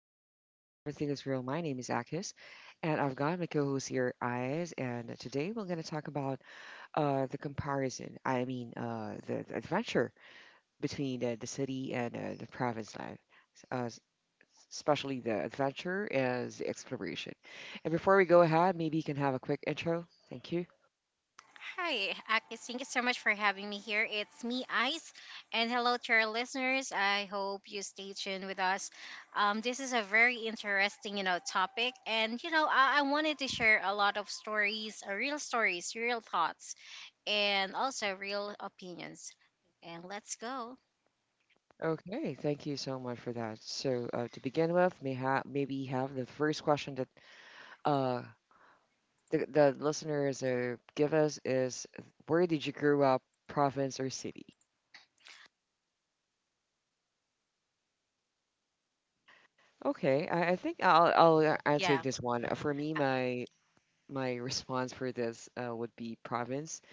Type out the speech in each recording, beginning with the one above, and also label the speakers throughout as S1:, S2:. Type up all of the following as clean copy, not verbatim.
S1: stay smooth and everything is real. My name is Akis, and I've got my co-host here, Ayaz, and today we're gonna talk about the comparison. I mean, the adventure between the city and the province life. Uh, s- especially the adventure and the exploration. And before we go ahead, maybe you can have a quick intro. Thank you.
S2: Hi, Akis. Thank you so much for having me here. It's me, Ice, and hello to our listeners. I hope you stay tuned with us. This is a very interesting, topic, and I wanted to share a lot of stories, real stories, real thoughts, and also real opinions. And let's go.
S1: Okay, thank you so much for that. So, to begin with, maybe have the first question that uh, the listeners give us is, where did you grow up, province or city? Okay, I think I'll take
S2: Yeah.
S1: this one. For me,
S2: uh,
S1: my response for this would be province.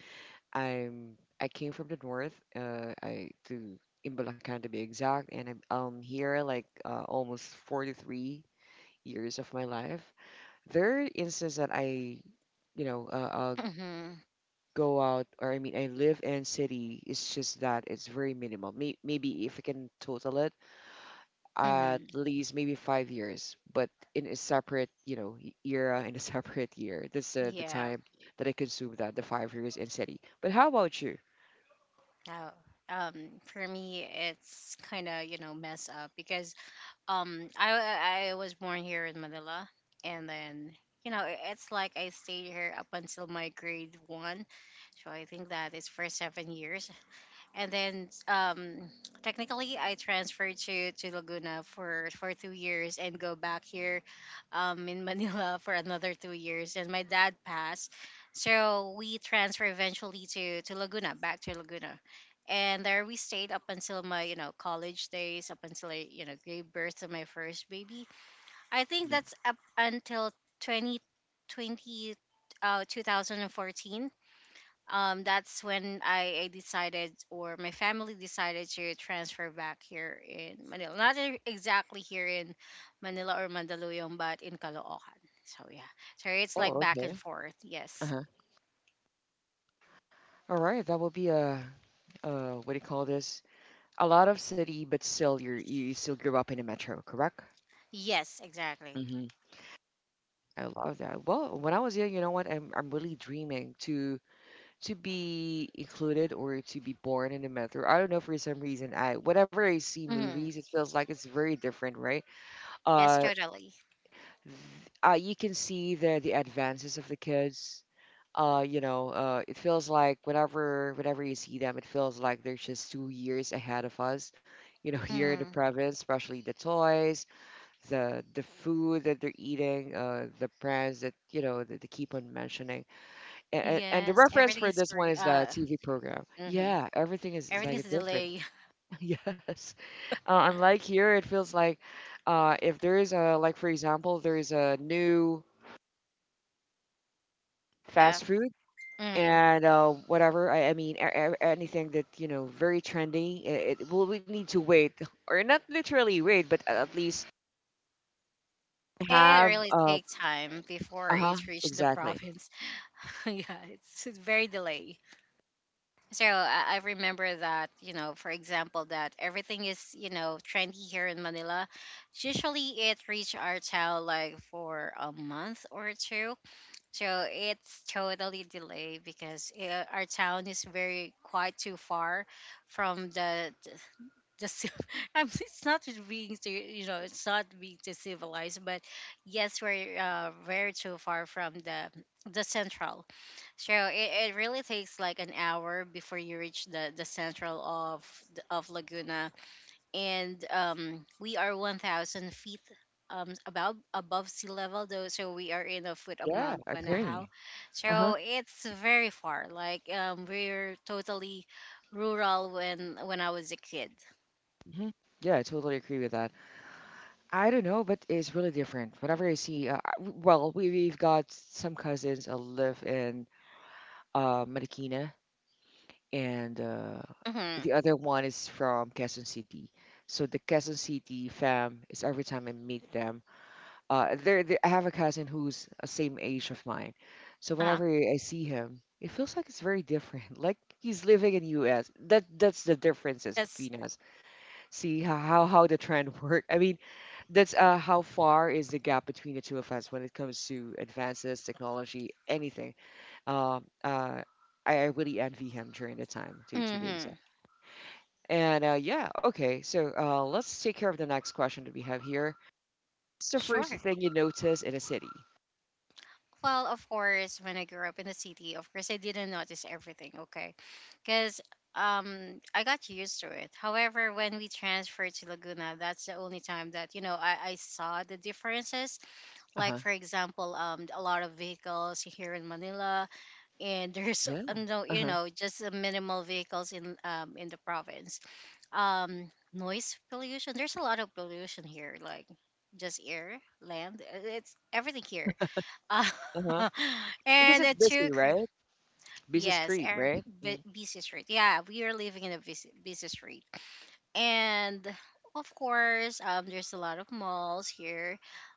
S1: I came from the north. I to in Bulacan, to be exact, and I'm here like almost 43 years of my life. There are instances that I, you know uh, uh,
S2: Mm-hmm.
S1: go out, or I mean I live in city. It's just that it's very minimal. Maybe if I can total it, at
S2: Mm-hmm.
S1: least maybe 5 years, but in a separate era in a separate year. That's the
S2: Yeah.
S1: time that I consume that the 5 years in city. But how about you?
S2: Oh, um, for me, it's kind of, mess up because I was born here in Manila, and then it's like I stayed here up until my grade one, so I think that it's for 7 years, and then technically I transferred to Laguna for 2 years and go back here in Manila for another 2 years, and my dad passed, so we transfer eventually to Laguna, back to Laguna, and there we stayed up until my college days, up until I gave birth to my first baby. I think
S1: Mm.
S2: that's up until 2020 uh 2014. That's when I decided, or my family decided to transfer back here in Manila. Not exactly here in Manila or Mandaluyong, but in Caloocan. So yeah, so it's
S1: Oh,
S2: like back and
S1: okay.
S2: forth. Yes,
S1: Uh-huh. All right, that will be a what do you call this? A lot of city, but still you still grew up in the metro, correct?
S2: yes, exactly.
S1: Mm-hmm. I love that. Well, when I was young, you know what? I'm really dreaming to be included or to be born in the metro. I don't know, for some reason. I whenever I see
S2: Hmm.
S1: movies, it feels like it's very different, right?
S2: Yes,
S1: Uh,
S2: totally.
S1: you can see the advances of the kids. It feels like whenever you see them, it feels like they're just 2 years ahead of us. You know, here in the
S2: Hmm.
S1: province, especially the toys, the food that they're eating, the brands that that they keep on mentioning, and the
S2: Yes,
S1: reference
S2: everything
S1: for
S2: is
S1: this one
S2: very,
S1: is the TV program.
S2: hmm
S1: Yeah, everything is
S2: everything is
S1: like
S2: a
S1: different.
S2: delay.
S1: Yes. Unlike here, it feels like, if there is like for example, there is a new
S2: Yeah.
S1: fast food,
S2: Mm.
S1: and whatever. I mean, anything that, you know, very trendy, it will we need to wait, or not literally wait, but at least
S2: It
S1: have,
S2: really takes time before
S1: uh-huh,
S2: it reached the
S1: exactly.
S2: province. yeah, it's very delay. So I remember that, for example, that everything is, trendy here in Manila. Usually it reach our town like for a month or two. So it's totally delayed because our town is very quite too far from the it's not being to, you know, it's not being too civilized, but yes, we're very too far from the central. True. It really takes like an hour before you reach the central of of Laguna, and we are 1,000 feet about above sea level though, so we are in the foot of
S1: Yeah,
S2: Mount Manahao,
S1: agree. Uh-huh.
S2: so it's very far. Like we're totally rural when I was a kid.
S1: Hmm. Yeah, I totally agree with that. I don't know, but it's really different. Whenever I see, well, we've got some cousins that live in, Marikina, and
S2: Mm-hmm.
S1: the other one is from Quezon City. So the Quezon City fam is every time I meet them. They're, they I have a cousin who's the same age of mine. So
S2: Uh-huh.
S1: whenever I see him, it feels like it's very different. Like he's living in U.S. That's the differences
S2: Yes.
S1: between us. See how the trend work. I mean, that's how far is the gap between the two of us when it comes to advances, technology, anything. Uh, uh, I really envy him during the time, to be exact.
S2: Mm-hmm.
S1: And yeah, okay, so let's take care of the next question that we have here. What's the first
S2: Sure.
S1: thing you notice in a city?
S2: Well, of course, when I grew up in the city, of course, I didn't notice everything, okay? Because I got used to it. However, when we transferred to Laguna, that's the only time that, I saw the differences.
S1: Uh
S2: Like,
S1: huh.
S2: for example, a lot of vehicles here in Manila, and there's,
S1: Yeah.
S2: no,
S1: Uh huh.
S2: just minimal vehicles in the province. Noise pollution, there's a lot of pollution here, like just air, land, it's everything here.
S1: Uh
S2: Ah.
S1: huh. Because
S2: And
S1: it's
S2: it
S1: busy,
S2: took,
S1: right? Busy
S2: yes,
S1: street,
S2: air,
S1: right? Mm.
S2: busy street. Yeah, we are living in a busy, busy street, and of course, there's a lot of malls here,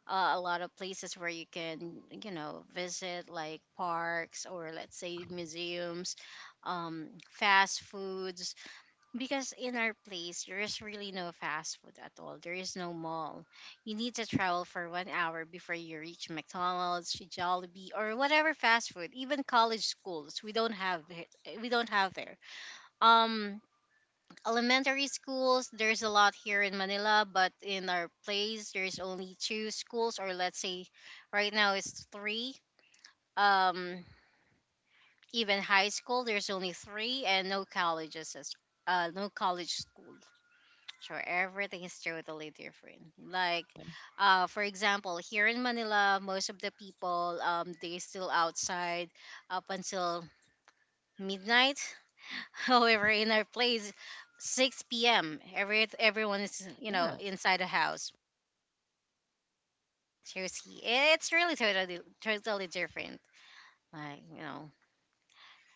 S2: a lot of places where you can, visit like parks, or let's say museums, fast foods, because in our place, there is really no fast food at all. There is no mall. You need to travel for 1 hour before you reach McDonald's, Jollibee, or whatever fast food. Even college schools, we don't have it. We don't have there. Um, elementary schools, there's a lot here in Manila, but in our place, there's only two schools, or let's say, right now it's three. Um, even high school, there's only three, and no colleges as, no college school. Sure, everything is totally different. Like, for example, here in Manila, most of the people they still outside up until midnight. However, in our place, 6 p.m. Everyone is,
S1: Yeah.
S2: inside the house. Seriously, it's really totally totally different. Like,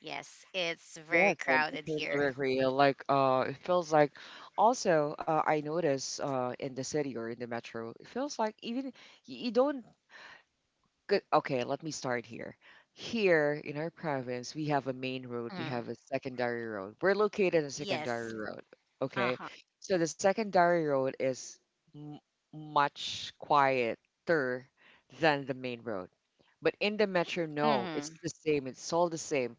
S2: yes, it's very
S1: Yes, I
S2: crowded
S1: totally
S2: here.
S1: agree. Like, it feels like also, I notice, in the city or in the metro, it feels like even you don't get. Okay, let me start here. Here in our province, we have a main road, we
S2: Mm,
S1: have a secondary road. We're located on secondary
S2: yes.
S1: road,
S2: Uh
S1: okay?
S2: huh.
S1: So the secondary road is m much quieter than the main road. But in the metro, no, it's
S2: Mm-hmm.
S1: the same. It's all the same.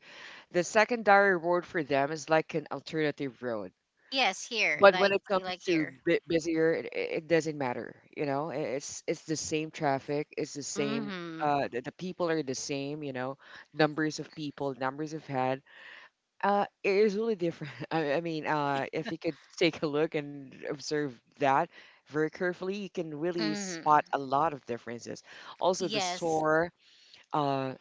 S1: The secondary road for them is like an alternative road.
S2: Yes, here,
S1: But when
S2: like
S1: it comes
S2: like
S1: to
S2: here.
S1: bit busier, it doesn't matter. You know, it's the same traffic, it's the same.
S2: Mm-hmm.
S1: The people are the same. You know, numbers of people, numbers of head. It is really different. I mean, if you could take a look and observe that very carefully, you can really
S2: Mm-hmm.
S1: spot a lot of differences. Also,
S2: Yes.
S1: uh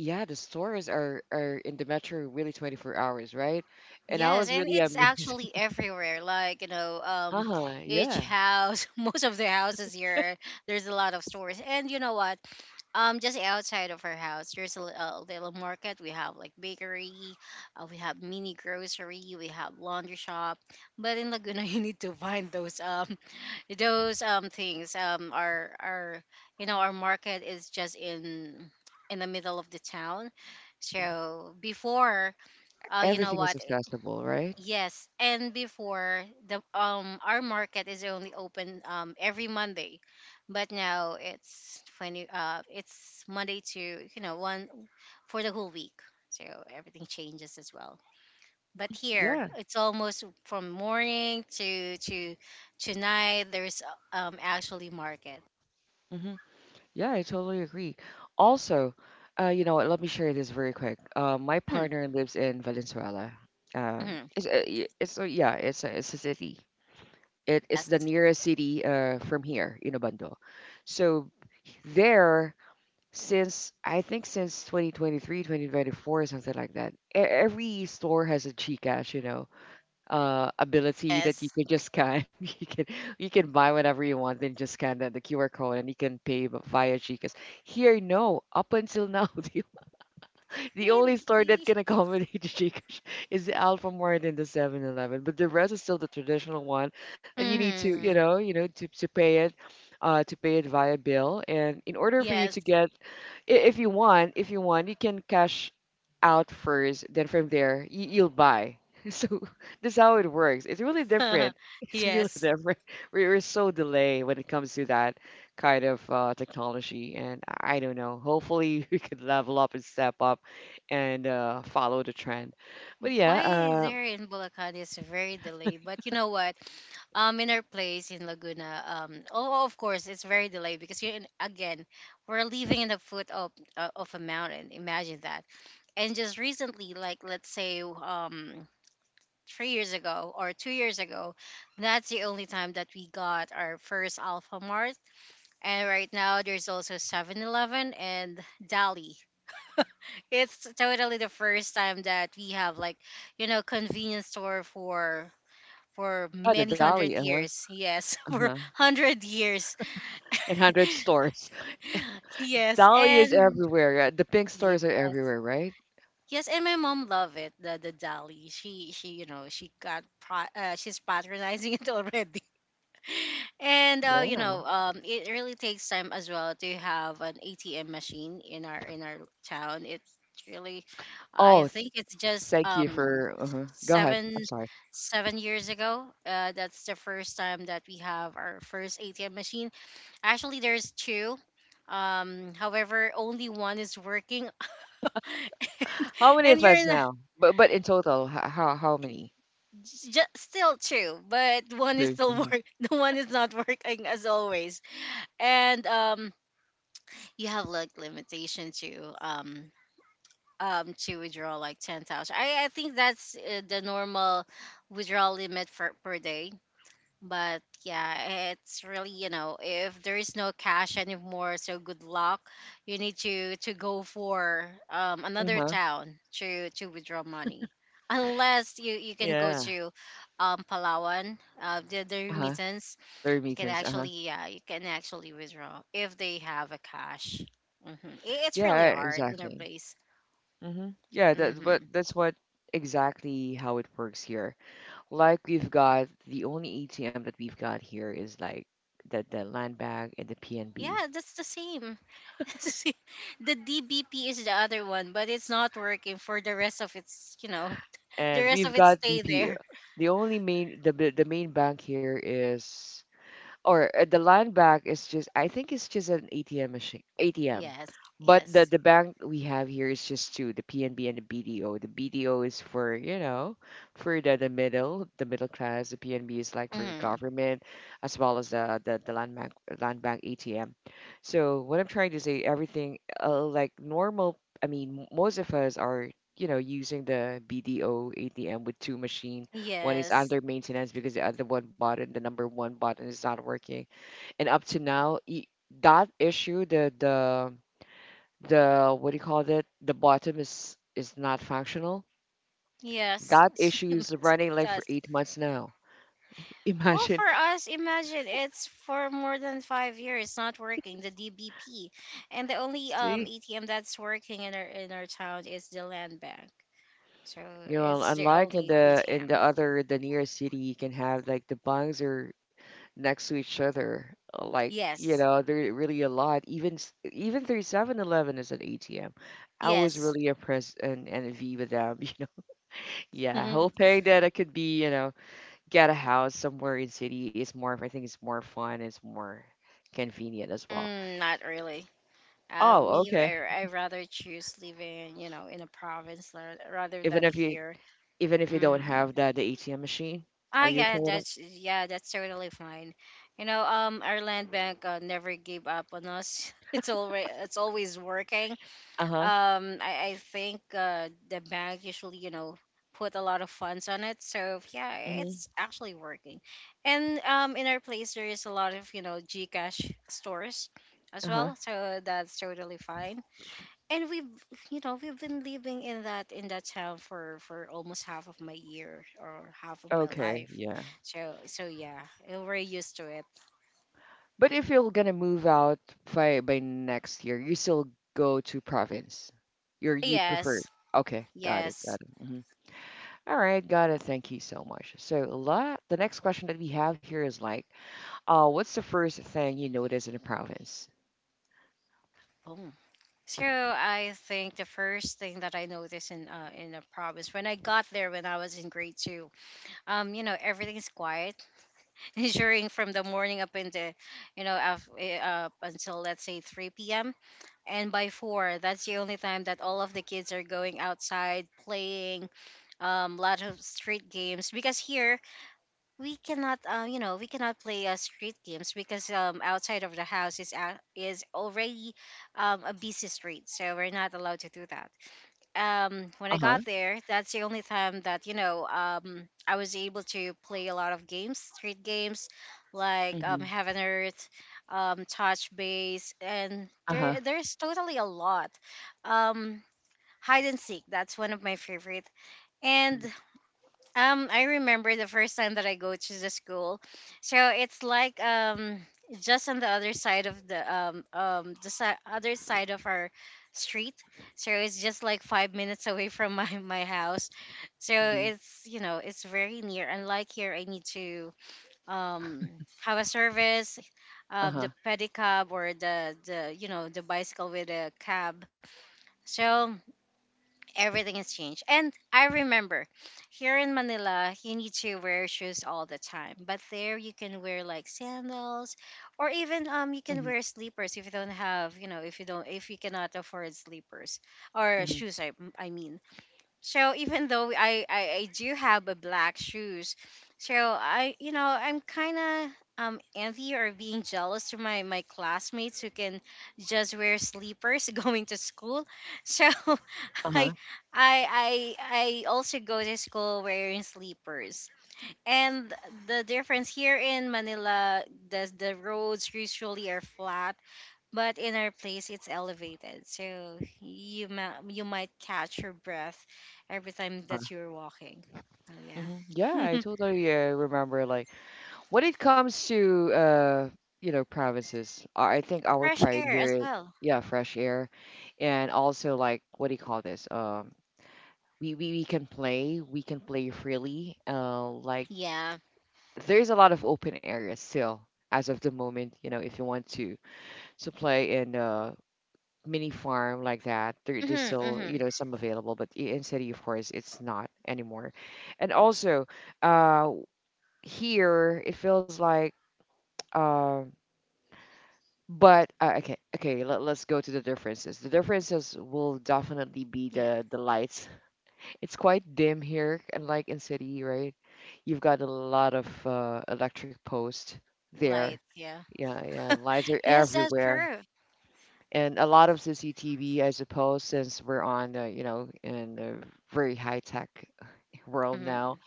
S1: yeah the stores are in the metro, really 24 hours, right? And I
S2: Yes,
S1: was
S2: and
S1: really
S2: it's
S1: amazed.
S2: actually everywhere. Like,
S1: Uh-huh.
S2: each
S1: Yeah.
S2: house, most of the houses here, there's a lot of stores. And you know what? Just outside of our house, there's a little market. We have like bakery, we have mini grocery, we have laundry shop. But in Laguna, you need to find those those things. Our market is just in the middle of the town. So before, you know
S1: Everything is
S2: what?
S1: accessible, right?
S2: Yes, and before the our market is only open every Monday, but now it's Monday to one for the whole week, so everything changes as well. But here
S1: Yeah.
S2: it's almost from morning to night. There's, actually, market.
S1: Hmm. Yeah, I totally agree. Also, you know what, let me share this very quick. My
S2: hmm.
S1: partner lives in Valenzuela. It's a city. It's
S2: Yes,
S1: the nearest city from here in Obando. So there, since I think since 2023, 2024, something like that, every store has a Gcash, ability that you
S2: yes,
S1: can just scan. You can buy whatever you want and just scan the QR code and you can pay via Gcash. Here, no. Up until now, the only
S2: really.
S1: store that can accommodate the Gcash is the Alpha Mart and the 7-Eleven, but the rest is still the traditional one that you need to,
S2: Hmm.
S1: you know, to pay it via bill. And in order for you
S2: Yes,
S1: to get, if you want, you can cash out first, then from there you'll buy. So that's how it works. It's really different. It's really
S2: yes.
S1: different. We are so delayed when it comes to that kind of technology, and I don't know. Hopefully, we could level up and step up and follow the trend. But yeah,
S2: Why is there in Bulacan is very delayed? But you know what? In our place in Laguna, oh, oh, of course, it's very delayed because, you again, we're living in the foot of, of a mountain. Imagine that. And just recently, like let's say, 3 years ago or 2 years ago, that's the only time that we got our first Alpha Mart. And right now, there's also 7-Eleven and Dali. It's totally the first time that we have like, convenience store for
S1: oh, the
S2: many
S1: Dolly,
S2: hundred
S1: uh-huh,
S2: years. Yes, for
S1: uh-huh.
S2: hundred years.
S1: And hundred stores.
S2: Yes,
S1: Dolly is
S2: and
S1: everywhere. The pink
S2: yes.
S1: stores are everywhere, right?
S2: Yes, and my mom love it, the dali. She she she's patronizing it already. And
S1: Yeah.
S2: it really takes time as well to have an ATM machine in our town. It's really, I
S1: Oh,
S2: think it's just
S1: thank you for, uh-huh. Go ahead. I'm
S2: seven
S1: sorry.
S2: seven years ago. That's the first time that we have our first ATM machine. Actually, there's two. However, only one is working,
S1: How many
S2: and
S1: of
S2: you're
S1: us
S2: in a,
S1: now? But in total, how many?
S2: j- still two, but one is still
S1: Two.
S2: work. The one is not working as always, and you have like limitation to withdraw like 10,000. I think that's, the normal withdrawal limit for per day. But yeah, it's really, if there is no cash anymore, so good luck. You need to go for
S1: Uh
S2: another
S1: huh.
S2: town to withdraw money. Unless you can go
S1: Yeah.
S2: to Palawan, the
S1: Uh huh.
S2: remittance,
S1: Third meetings. Uh huh.
S2: you can actually withdraw if they have a cash. Mm-hmm. It's really
S1: Yeah.
S2: hard in our
S1: Exactly.
S2: place.
S1: Mm-hmm. Yeah.
S2: Mm-hmm.
S1: That's what exactly how it works here. Like we've got, the only ATM that we've got here is like the land bank and the PNB,
S2: Yeah, that's the same. See, the DBP is the other one, but it's not working for the rest of its, the
S1: and
S2: rest
S1: we've
S2: of its
S1: got the
S2: stay
S1: P.
S2: there.
S1: The only main the main bank here is, or the land bank is just, I think it's just an ATM machine ATM.
S2: Yes,
S1: But the
S2: yes,
S1: the bank we have here is just two, the PNB and the BDO. The BDO is for, the middle class. The PNB is like for
S2: mm-hmm.
S1: government, as well as the land bank ATM. So what I'm trying to say, everything like normal, I mean, most of us are, using the BDO ATM, with two machine, one is
S2: Yes,
S1: under maintenance because the other one button, the number one button, is not working. And up to now, that issue, the what do you call it? The bottom is not functional.
S2: yes.
S1: That
S2: She
S1: issue is
S2: must
S1: running like for
S2: us.
S1: 8 months now.
S2: Well,
S1: Imagine,
S2: for us, imagine it's for more than 5 years not working, the DBP. And the only,
S1: see,
S2: ATM that's working in our town is the land bank. So it's the
S1: unlike in
S2: only
S1: the in the
S2: ATM.
S1: other the nearest city, you can have like the bungs or next to each other. Like,
S2: Yes.
S1: they're really a lot. Even even through 7-Eleven is an ATM. I was
S2: Yes.
S1: really impressed and envy with them, you know. Yeah, hoping that I could be, get a house somewhere in city, is more I think it's more fun, it's more convenient as well.
S2: Mm, not really.
S1: Oh,
S2: Me,
S1: okay.
S2: I rather choose living, in a province rather
S1: Even
S2: than
S1: if you
S2: here.
S1: even if you don't
S2: Hmm.
S1: have the ATM machine,
S2: Ah,
S1: are you
S2: yeah,
S1: okay with that?
S2: that's, yeah, that's totally fine. You know, our land bank, never gave up on us. It's always working.
S1: Uh-huh.
S2: I think, the bank usually, put a lot of funds on it, so yeah,
S1: Mm-hmm.
S2: it's actually working. And in our place there is a lot of, GCash stores as
S1: Uh-huh.
S2: well, so that's totally fine, and we've you know we've been living in that town for almost half of my year or half of my
S1: Okay,
S2: life,
S1: yeah.
S2: so, so yeah, we're used to it.
S1: But if you're gonna move out by next year, you still go to province. You prefer.
S2: Yes.
S1: Okay, got it,
S2: Yes.
S1: got it. Mhm. All right, got it. Thank you so much. So a lot. The next question that we have here is like, what's the first thing you notice in a province?
S2: Boom. So I think the first thing that I noticed in, in the province when I got there, when I was in grade two, everything's quiet during from the morning, up in the, up until let's say 3 p.m., and by four that's the only time that all of the kids are going outside playing, lot of street games, because here we cannot play, street games, because outside of the house is already, a busy street, so we're not allowed to do that. When I
S1: Uh
S2: got
S1: huh.
S2: there, that's the only time that, I was able to play a lot of games, street games like,
S1: Mm-hmm.
S2: Heaven Earth, Touch Base, and
S1: Uh huh.
S2: there's totally a lot. Um Hide and seek, that's one of my favorite. And I remember the first time that I go to the school. So it's like just on the other side of the other side of our street. So it's just like 5 minutes away from my my house. So
S1: Mm-hmm.
S2: it's you know it's very near. Unlike here, I need to um have a service,
S1: Uh huh.
S2: the pedicab or the you know the bicycle with a cab. So everything has changed. And I remember here in Manila, you need to wear shoes all the time. But there you can wear like sandals or even you can
S1: Mm-hmm.
S2: wear sleepers if you don't have, if you cannot afford sleepers or
S1: Uh
S2: shoes. I mean, so even though I do have a black shoes, so I you know I'm kind of envy or being jealous to my classmates who can just wear sleepers going to school. So I
S1: huh.
S2: I also go to school wearing sleepers. And the difference here in Manila, the roads usually are flat, but in our place, it's elevated, so you might catch your breath every time
S1: Uh
S2: that
S1: huh.
S2: you're walking. Oh,
S1: Mm-hmm. Yeah, I
S2: yeah.
S1: totally remember, like when it comes to, provinces, I think our
S2: Fresh
S1: pride
S2: air
S1: here
S2: as
S1: is,
S2: well.
S1: yeah, fresh air, and also, like, what do you call this? We can play freely. Like,
S2: Yeah.
S1: there's a lot of open areas still as of the moment. You know, if you want to play in a mini farm like that, there's
S2: Mhm.
S1: still
S2: Mhm.
S1: some available, but in city of course it's not anymore. And also, uh, here it feels like. um But okay, okay, let, let's go to the differences. The differences will definitely be
S2: Yeah.
S1: the lights. It's quite dim here, unlike in city, right? You've got a lot of electric posts there.
S2: Light. Yeah.
S1: Yeah, yeah, lights are
S2: Yes, that's
S1: everywhere,
S2: true.
S1: and a lot of CCTV, I suppose, since we're on, you know, in very high tech world now.
S2: Mm.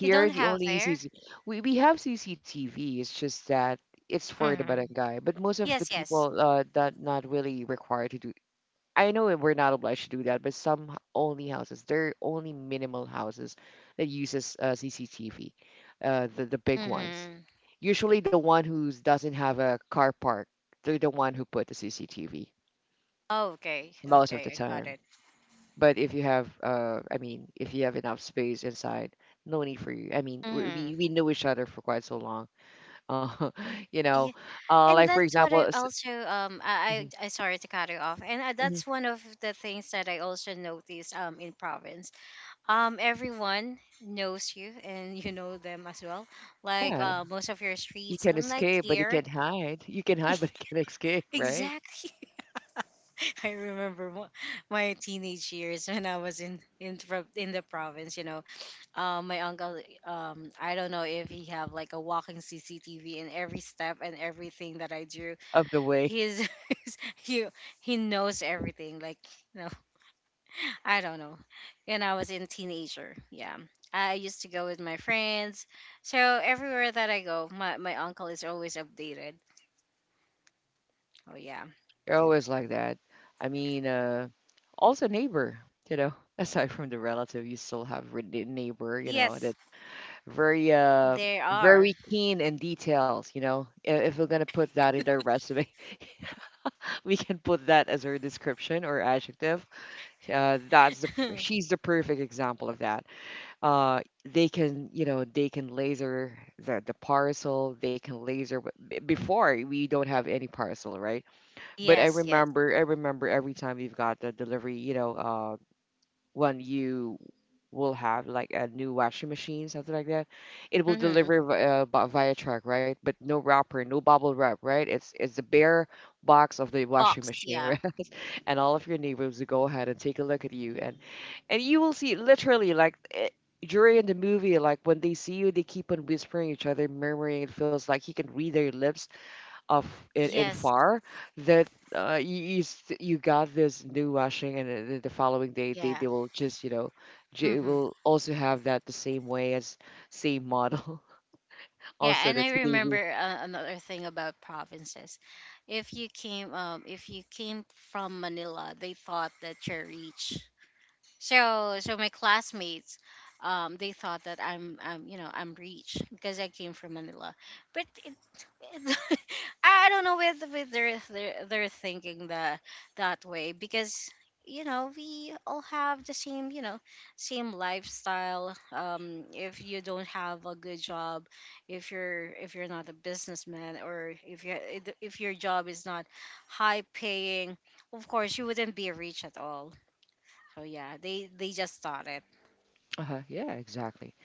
S2: You don't
S1: the
S2: have
S1: only
S2: air.
S1: CC we have CCTV. It's just that it's for the
S2: Mm-hmm.
S1: barangay. But most of the
S2: Yes. Yes.
S1: people that not really required to do. I know that we're not obliged to do that, but only houses, there are only minimal houses that uses CCTV, the big ones.
S2: Mm-hmm.
S1: Usually, the one who doesn't have a car park, they're the one who put the CCTV
S2: Okay.
S1: most of
S2: Okay.
S1: the
S2: I got
S1: time.
S2: it.
S1: But if you have, I mean, if you have enough space inside, no need for you. I mean, we we
S2: Mm-hmm.
S1: we know each other for quite so long. Uh, you know,
S2: Yeah, and
S1: like for
S2: that's what
S1: example,
S2: I also
S1: mhm,
S2: sorry to cut you off, and that's
S1: mhm,
S2: one of the things that I also noticed in province. Everyone knows you and you know them as well, like
S1: yeah,
S2: most of your
S1: you
S2: streets
S1: can
S2: unlike
S1: escape, but you
S2: here.
S1: can't hide. You can hide, but you can't escape, right?
S2: Exactly. I remember my teenage years when I was in the province. My uncle, I don't know if he have like a walking CCTV in every step and everything that I do.
S1: Of the way.
S2: he's, he's he he knows everything, like, you know I don't know. When I was in teenager, yeah, I used to go with my friends. So everywhere that I go, my uncle is always updated. Oh yeah.
S1: You're always like that. I mean, also neighbor. You know, aside from the relative, you still have the neighbor. You know,
S2: Yes,
S1: that very
S2: there are.
S1: very keen in details. You know, if we're gonna put that in their resume. We can put that as her description or adjective. That's the she's the perfect example of that. Uh, they can you know they can laser the parcel. They can laser but before we don't have any parcel, right? But I
S2: Yes, yes.
S1: remember I remember every time we've got the delivery, you know, when you will have like a new washing machine, something like that. It will
S2: Mhm.
S1: deliver via truck, right? But no wrapper, no bubble wrap, right? It's the bare box of the washing
S2: Box,
S1: machine,
S2: yeah.
S1: right? And all of your neighbors to go ahead and take a look at you and you will see literally like during the movie like when they see you they keep on whispering each other murmuring it feels like you can read their lips of in
S2: Yes,
S1: far that you got this new washing and the following day
S2: yeah.
S1: they will just you know
S2: Mhm.
S1: will also have that the same way as same model
S2: Yeah,
S1: also
S2: and
S1: the
S2: I
S1: TV
S2: remember another thing about provinces. If you came from Manila, they thought that you're rich. So my classmates, they thought that I'm you know I'm rich because I came from Manila, but it, I don't know whether they're thinking that way, because we all have the same, same lifestyle. If you don't have a good job, if you're not a businessman, or if your job is not high paying, of course you wouldn't be rich at all. Oh yeah, they just thought it.
S1: uh-huh, yeah exactly.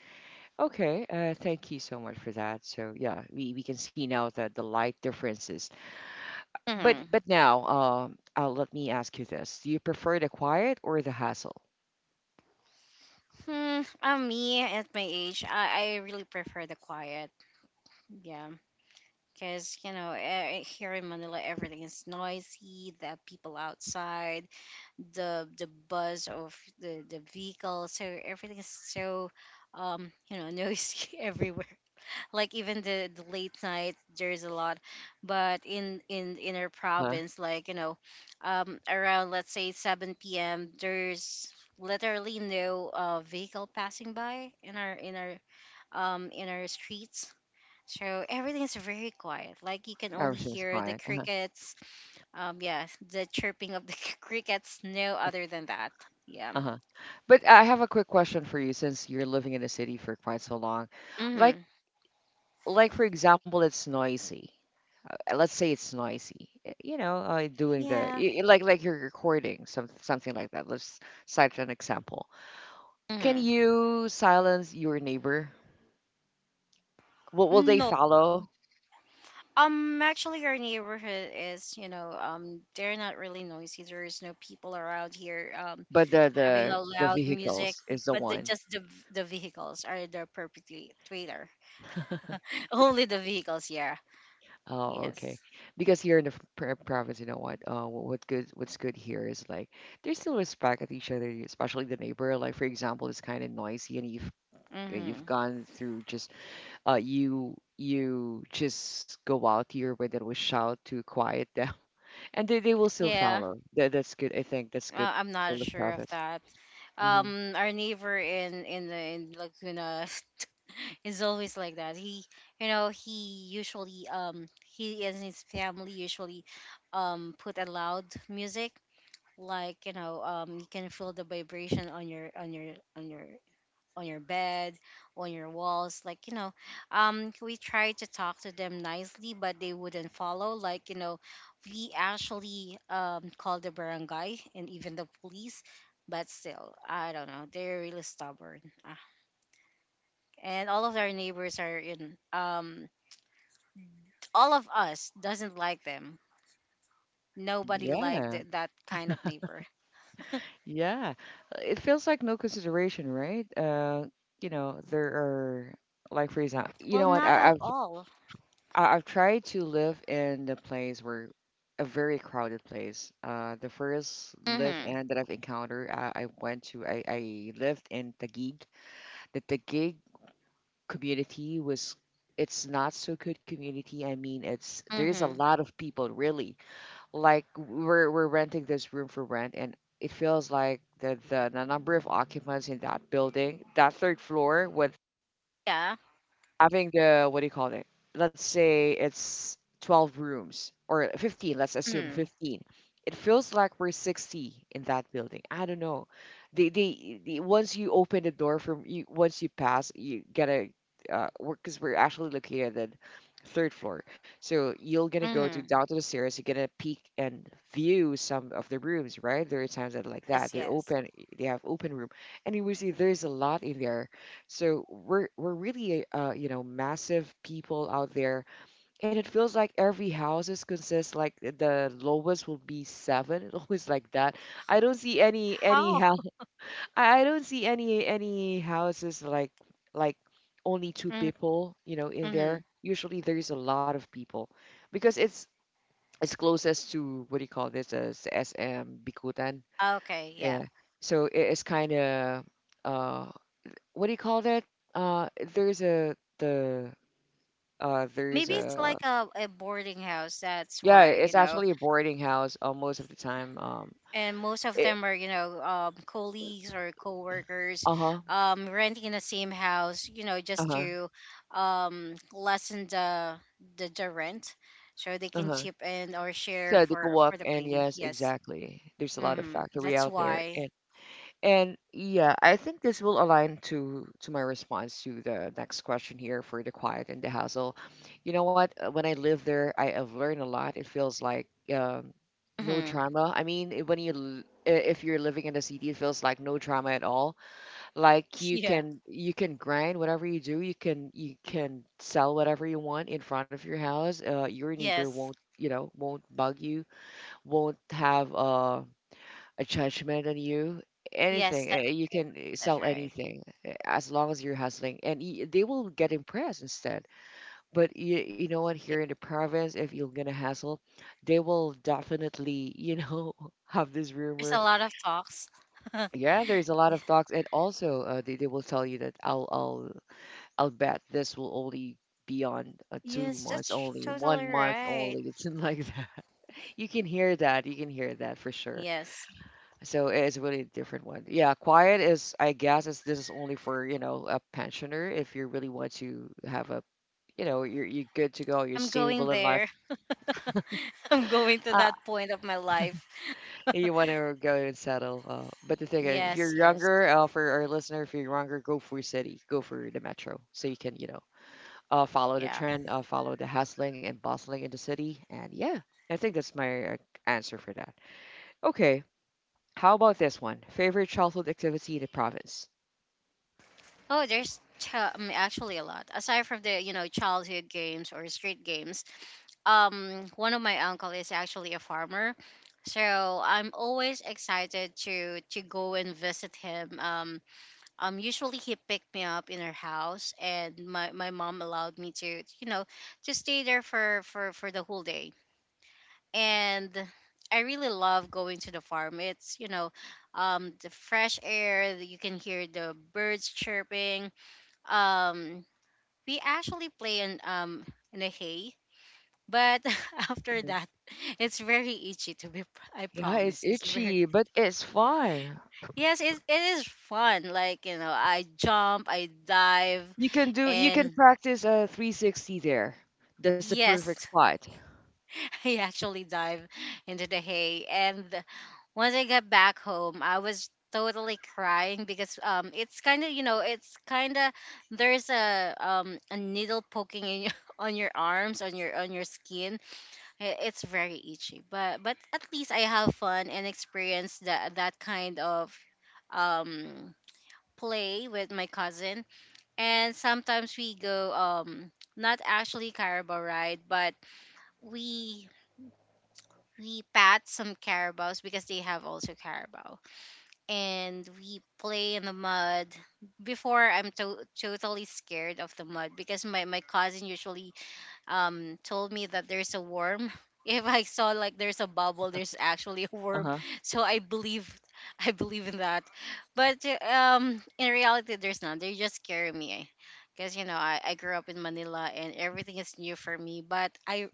S1: Okay, thank you so much for that. So yeah, we can see now that the light differences. But
S2: Mm-hmm.
S1: but now, let me ask you this: do you prefer the quiet or the hassle?
S2: Hmm. Me at my age, I really prefer the quiet. Yeah, because here in Manila, everything is noisy. The people outside, the buzz of the vehicle, so everything is so noisy everywhere. Like, even the late night there's a lot. But in our
S1: Huh?
S2: province, like, around, let's say, 7 p.m., there's literally no vehicle passing by in our, in our streets. So everything is very quiet, like you can only
S1: Everything's
S2: hear the
S1: quiet. Uh-huh.
S2: crickets, yeah, the chirping of the crickets, no other than that. Yeah.
S1: Uh-huh. But I have a quick question for you, since you're living in the city for quite so long. Like
S2: Mm-hmm.
S1: like for example, it's noisy. Let's say it's noisy. You know, doing the
S2: Yeah.
S1: like you're recording something like that. Let's cite an example. Can
S2: Mm-hmm.
S1: you silence your neighbor? Will they
S2: No.
S1: follow?
S2: Actually, our neighborhood is, you know, they're not really noisy. There is no people around here,
S1: But the
S2: having
S1: the
S2: a
S1: the
S2: loud music,
S1: vehicles is the
S2: but
S1: one.
S2: just the vehicles are the perpetuator. Only the vehicles, yeah.
S1: Oh, okay.
S2: Yes.
S1: Because here in the province, you know what? What good? What's good here is like they still respect at each other, especially the neighbor. Like for example, it's kind of noisy, and you've
S2: Mm-hmm.
S1: gone through just you just go out here when there was shout to quiet them, and they will still
S2: Yeah.
S1: follow. That's good. I think that's good
S2: I'm
S1: for
S2: not
S1: the
S2: sure of
S1: province.
S2: that.
S1: Mm-hmm.
S2: Our neighbor in Laguna is always like that. He usually he and his family usually put a loud music, like, you can feel the vibration on your, on your bed, on your walls, like, we tried to talk to them nicely but they wouldn't follow. Like, we actually called the barangay and even the police, but still I don't know, they're really stubborn. Ah. And all of our neighbors, are in all of us doesn't like them. Nobody liked
S1: Yeah.
S2: that kind of neighbor.
S1: Yeah, it feels like no consideration, right? You know, there are like for example, you
S2: Well,
S1: know what?
S2: not at all.
S1: I've tried to live in a place where a very crowded place. The first
S2: Mm-hmm.
S1: live-in that I've encountered, I went to. I lived in Taguig. The Taguig community was. It's not so good community. I mean, it's there's a
S2: Mm-hmm.
S1: lot of people really like we're renting this room for rent and it feels like the number of occupants in that building that third floor when
S2: Yeah.
S1: having the what do you call it? Let's say it's 12 rooms or 15, let's
S2: Mm.
S1: assume 15. It feels like we're 60 in that building. I don't know. The once you open the door from you once you pass, you gotta uh because we're actually located at third floor. So you're gonna go to
S2: Mm.
S1: down to the stairs, you're gonna peek and view some of the rooms, right? There are times that like
S2: Yes.
S1: that. They're
S2: Yes.
S1: open, they have open room. And you will see there's a lot in there so we're really you know massive people out there, and it feels like every house is consists like the lowest will be seven, always like that. I don't see any
S2: How?
S1: house. I don't see any houses like only two
S2: Mm.
S1: people you know in
S2: Mm.
S1: there. Usually there's a lot of people because it's closest to what do you call this as SM Bikutan.
S2: Okay. Yeah.
S1: Yeah, so it- it's kind of. Uh, what do you call that? Uh, there's a the there's
S2: Maybe it's
S1: a
S2: like a boarding house. That's
S1: yeah,
S2: why, you
S1: it's
S2: know.
S1: actually a boarding house most of the time.
S2: And most of
S1: It,
S2: them are, colleagues or coworkers,
S1: uh-huh,
S2: renting in the same house. Just
S1: uh-huh,
S2: to, lessen the rent, so they can
S1: uh-huh.
S2: chip in or share
S1: So they can
S2: for
S1: walk,
S2: for the
S1: and
S2: pain.
S1: yes,
S2: Yes.
S1: exactly. There's a lot of
S2: Mm.
S1: factory
S2: That's
S1: out there,
S2: why.
S1: and yeah, I think this will align to my response to the next question here for the quiet and the hassle. You know what? When I live there, I have learned a lot. It feels like um, no
S2: Mm.
S1: drama. I mean, when you if you're living in a city, it feels like no drama at all. Like
S2: Yeah.
S1: you can grind whatever you do. You can sell whatever you want in front of your house. Your neighbor won't
S2: Yes.
S1: you know won't bug you. Won't have a judgment on you
S2: Yes.
S1: anything
S2: That,
S1: you can
S2: that's
S1: sell
S2: right.
S1: anything as long as you're hustling and they will get impressed instead but you know what here in the province if you're gonna hustle they will definitely you know have this
S2: There's a
S1: rumor
S2: lot of talks.
S1: yeah there's a lot of talks and also they will tell you that I'll I'll bet this will only be on two
S2: Yes,
S1: months
S2: that's
S1: only one
S2: totally
S1: month only
S2: right.
S1: it's like that you can hear that you can hear that for sure.
S2: Yes.
S1: So it's really a really different one. Yeah, quiet is, I guess, is this is only for, you know, a pensioner if you really want to have a, you know, you're good to go, you're
S2: I'm
S1: stable
S2: going
S1: in life.
S2: there. I'm going to
S1: Ah,
S2: that point of my life.
S1: you want to go and settle. But the thing is, if
S2: Yes,
S1: you're
S2: yes.
S1: younger, for our listener, if you're younger, go for city, go for the metro, so you can, you know, follow the
S2: Yeah.
S1: trend, follow the hustling and bustling in the city, and yeah, I think that's my answer for that. Okay, how about this one? Favorite childhood activity in the province?
S2: Oh, there's actually a lot. Aside from the childhood games or street games, one of my uncle is actually a farmer. So I'm always excited to go and visit him. Usually he picked me up in her house and my mom allowed me to, to stay there for for the whole day. And I really love going to the farm. It's, the fresh air, you can hear the birds chirping. um we actually play in, the hay, but after that it's very itchy. I
S1: Yeah, it's
S2: promise, it's very.
S1: itchy, but it's fun.
S2: Yes, it is fun. Like, I jump, I dive.
S1: You can do you can
S2: And
S1: practice a 360 there. That's the perfect
S2: yes,
S1: spot.
S2: I actually dive into the hay. And once I got back home, I was totally crying, because it's kind of, there's a needle poking in on your arms, on your skin. It's very itchy, but at least I have fun and experience that kind of um play with my cousin. And sometimes we go, not actually carabao ride, but we we pat some carabaos, because they have also carabao. And we play in the mud. Before, I'm totally scared of the mud because my cousin usually told me that there's a worm. If I saw like there's a bubble, there's actually a worm.
S1: Uh-huh.
S2: So I believe, I believe in that, but in reality there's none, they just scare me, because I grew up in manila and everything is new for me, but I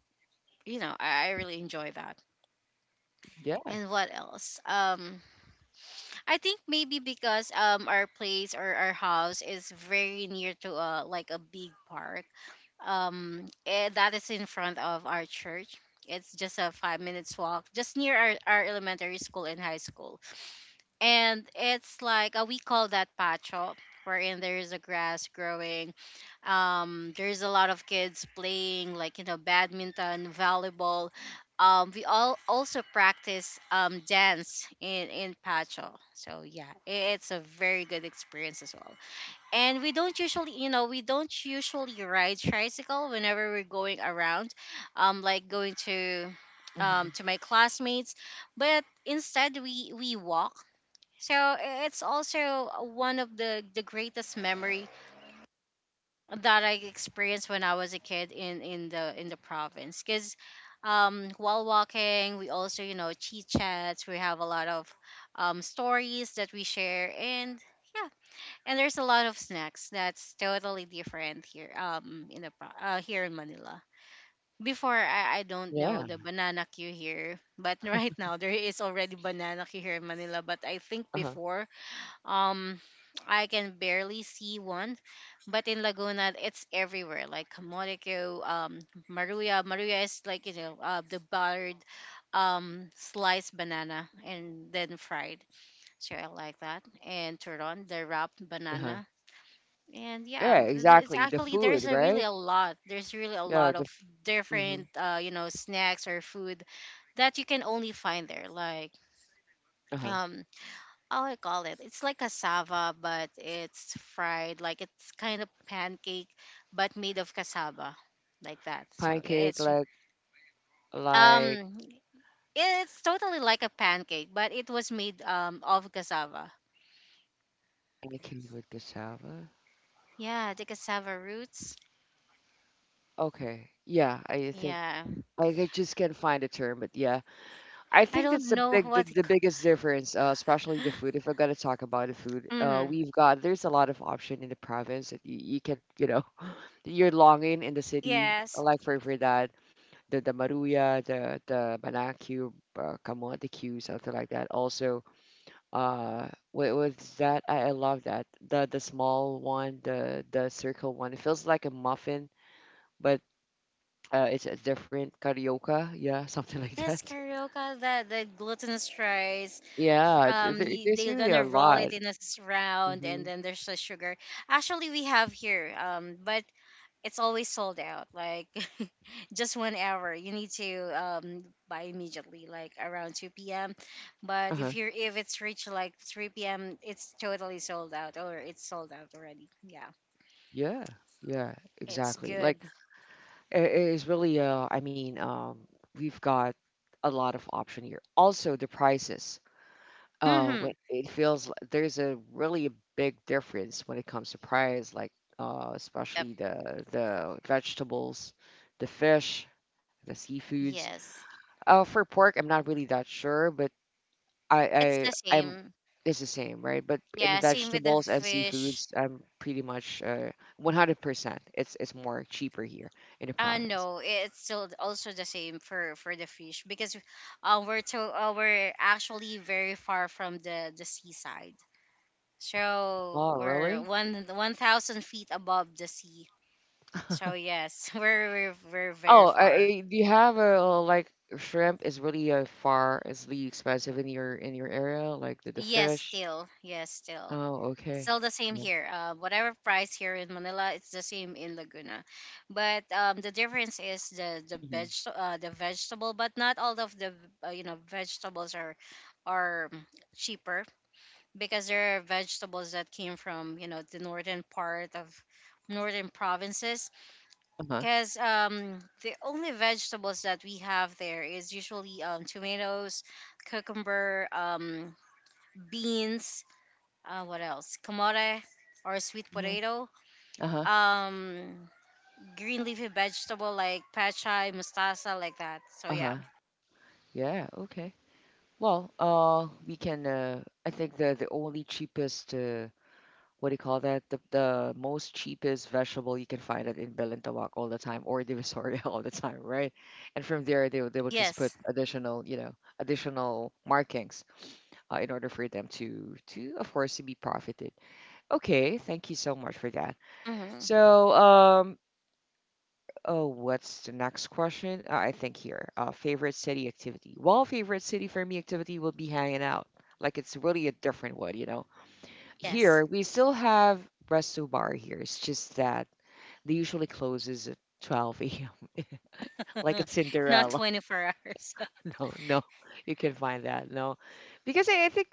S2: you know I really enjoy that.
S1: Yeah.
S2: And what else? I think maybe because our place or our house is very near to a, like, a big park. That is in front of our church. It's just a 5 minutes walk, just near our elementary school and high school. And it's like, we call that pacho, wherein there is a grass growing. There's a lot of kids playing, like, badminton, volleyball. We all also practice dance in pacho. So yeah, it's a very good experience as well. And we don't usually, ride tricycle whenever we're going around, like going
S1: hmm
S2: to my classmates, but instead we walk. So it's also one of the greatest memory that I experienced when I was a kid in the province. Because, while walking, we also, chit chats. We have a lot of, stories that we share, and yeah, and there's a lot of snacks that's totally different here, here in Manila. Before, I don't know
S1: Yeah.
S2: the banana queue here, but right now there is already banana queue here in Manila. But I think
S1: Uh-huh.
S2: before, um, I can barely see one, but in Laguna, it's everywhere. Like Kamoteco, Maruya. Maruya is like, the buttered, sliced banana and then fried. So I like that. And Turon, the wrapped
S1: Uh-huh.
S2: banana. And yeah,
S1: Yeah,
S2: it's
S1: exactly. The
S2: actually,
S1: food,
S2: there's a really
S1: right?
S2: a lot. There's really a
S1: Yeah,
S2: lot
S1: the
S2: of
S1: mm-hmm.
S2: different, snacks or food that you can only find there. Like,
S1: Uh-huh.
S2: um oh, I call it, it's like cassava, but it's fried. Like, it's kind of pancake, but made of cassava, like that. So yeah,
S1: Pancake like
S2: um, it's totally like a pancake, but it was made, of cassava.
S1: pancake with cassava.
S2: Yeah, the cassava roots.
S1: Okay. Yeah, I think
S2: Yeah,
S1: I just can't find a term, but yeah. I
S2: I
S1: think
S2: don't
S1: that's the
S2: know
S1: big
S2: what.
S1: the biggest difference, especially the food. If I gotta talk about the food,
S2: Mm,
S1: we've got there's a lot of option in the province that you can you know that you're longing in the city
S2: yes.
S1: like for that the maruya the banak cube kamote cube something like that. Also, uh, what was that? I love that the small one the circle one. It feels like a muffin, but it's a different carioca, yeah, something like
S2: Yes,
S1: that.
S2: carioca. The glutinous rice.
S1: Yeah, there, there's
S2: They're
S1: really a
S2: gonna roll it
S1: lot.
S2: in a round, and
S1: Mm-hmm.
S2: then there's the sugar. Actually, we have here. But it's always sold out, like just one hour you need to, buy immediately, like around 2 p.m. But
S1: Uh-huh.
S2: if it's reached like 3 p.m., it's totally sold out, or it's sold out already. Yeah.
S1: Yeah. Yeah,
S2: It's
S1: exactly.
S2: good.
S1: Like it is really I mean we've got a lot of option here. Also the prices.
S2: Mm-hmm.
S1: When it feels like there's a really a big difference when it comes to price like
S2: Yep.
S1: especially the vegetables, the fish, the seafoods.
S2: Yes,
S1: For pork I'm not really that sure, but
S2: it's the
S1: I'm
S2: same,
S1: it's the same, right? But in
S2: yeah, same with the
S1: vegetables and
S2: fish.
S1: seafoods, I'm pretty much 100%. It's more cheaper here in the
S2: Uh
S1: province.
S2: no, it's still also the same for the fish because we're to we're actually very far from the seaside. So
S1: Oh,
S2: we're
S1: really?
S2: one one thousand feet above the sea. So yes, we're very
S1: Oh,
S2: far.
S1: do you have a like shrimp is really it's really expensive in your area, like the
S2: Yes,
S1: fish.
S2: still. Yes, still.
S1: Oh, okay.
S2: Still the same
S1: Yeah.
S2: here. Whatever price here in Manila, it's the same in Laguna, but the difference is the
S1: hmm
S2: veg the vegetable. But not all of the vegetables are cheaper because there are vegetables that came from, you know, the northern part of northern provinces
S1: Uh-huh.
S2: because the only vegetables that we have there is usually tomatoes, cucumber, beans, what else? Kamote or sweet
S1: hmm
S2: potato,
S1: Uh-huh.
S2: um, green leafy vegetable like pachai, mustasa, like that. So
S1: Uh-huh.
S2: yeah.
S1: Yeah, okay. We can I think the only cheapest what do you call that? The most cheapest vegetable you can find it in Balintawak all the time or Divisoria all the time, right? And from there, they will just put
S2: Yes.
S1: additional, additional markings in order for them of course, to be profited. Okay, thank you so much for that.
S2: hmm
S1: So, oh, what's the next question? I think here, favorite city activity. Well, favorite city for me activity will be hanging out. Like it's really a different one, you know,
S2: Yes.
S1: here, we still have resto bar here. It's just that they usually closes at 12 a.m. like a
S2: Not
S1: Cinderella.
S2: 24 hours.
S1: No, no, you can find that. No, because I think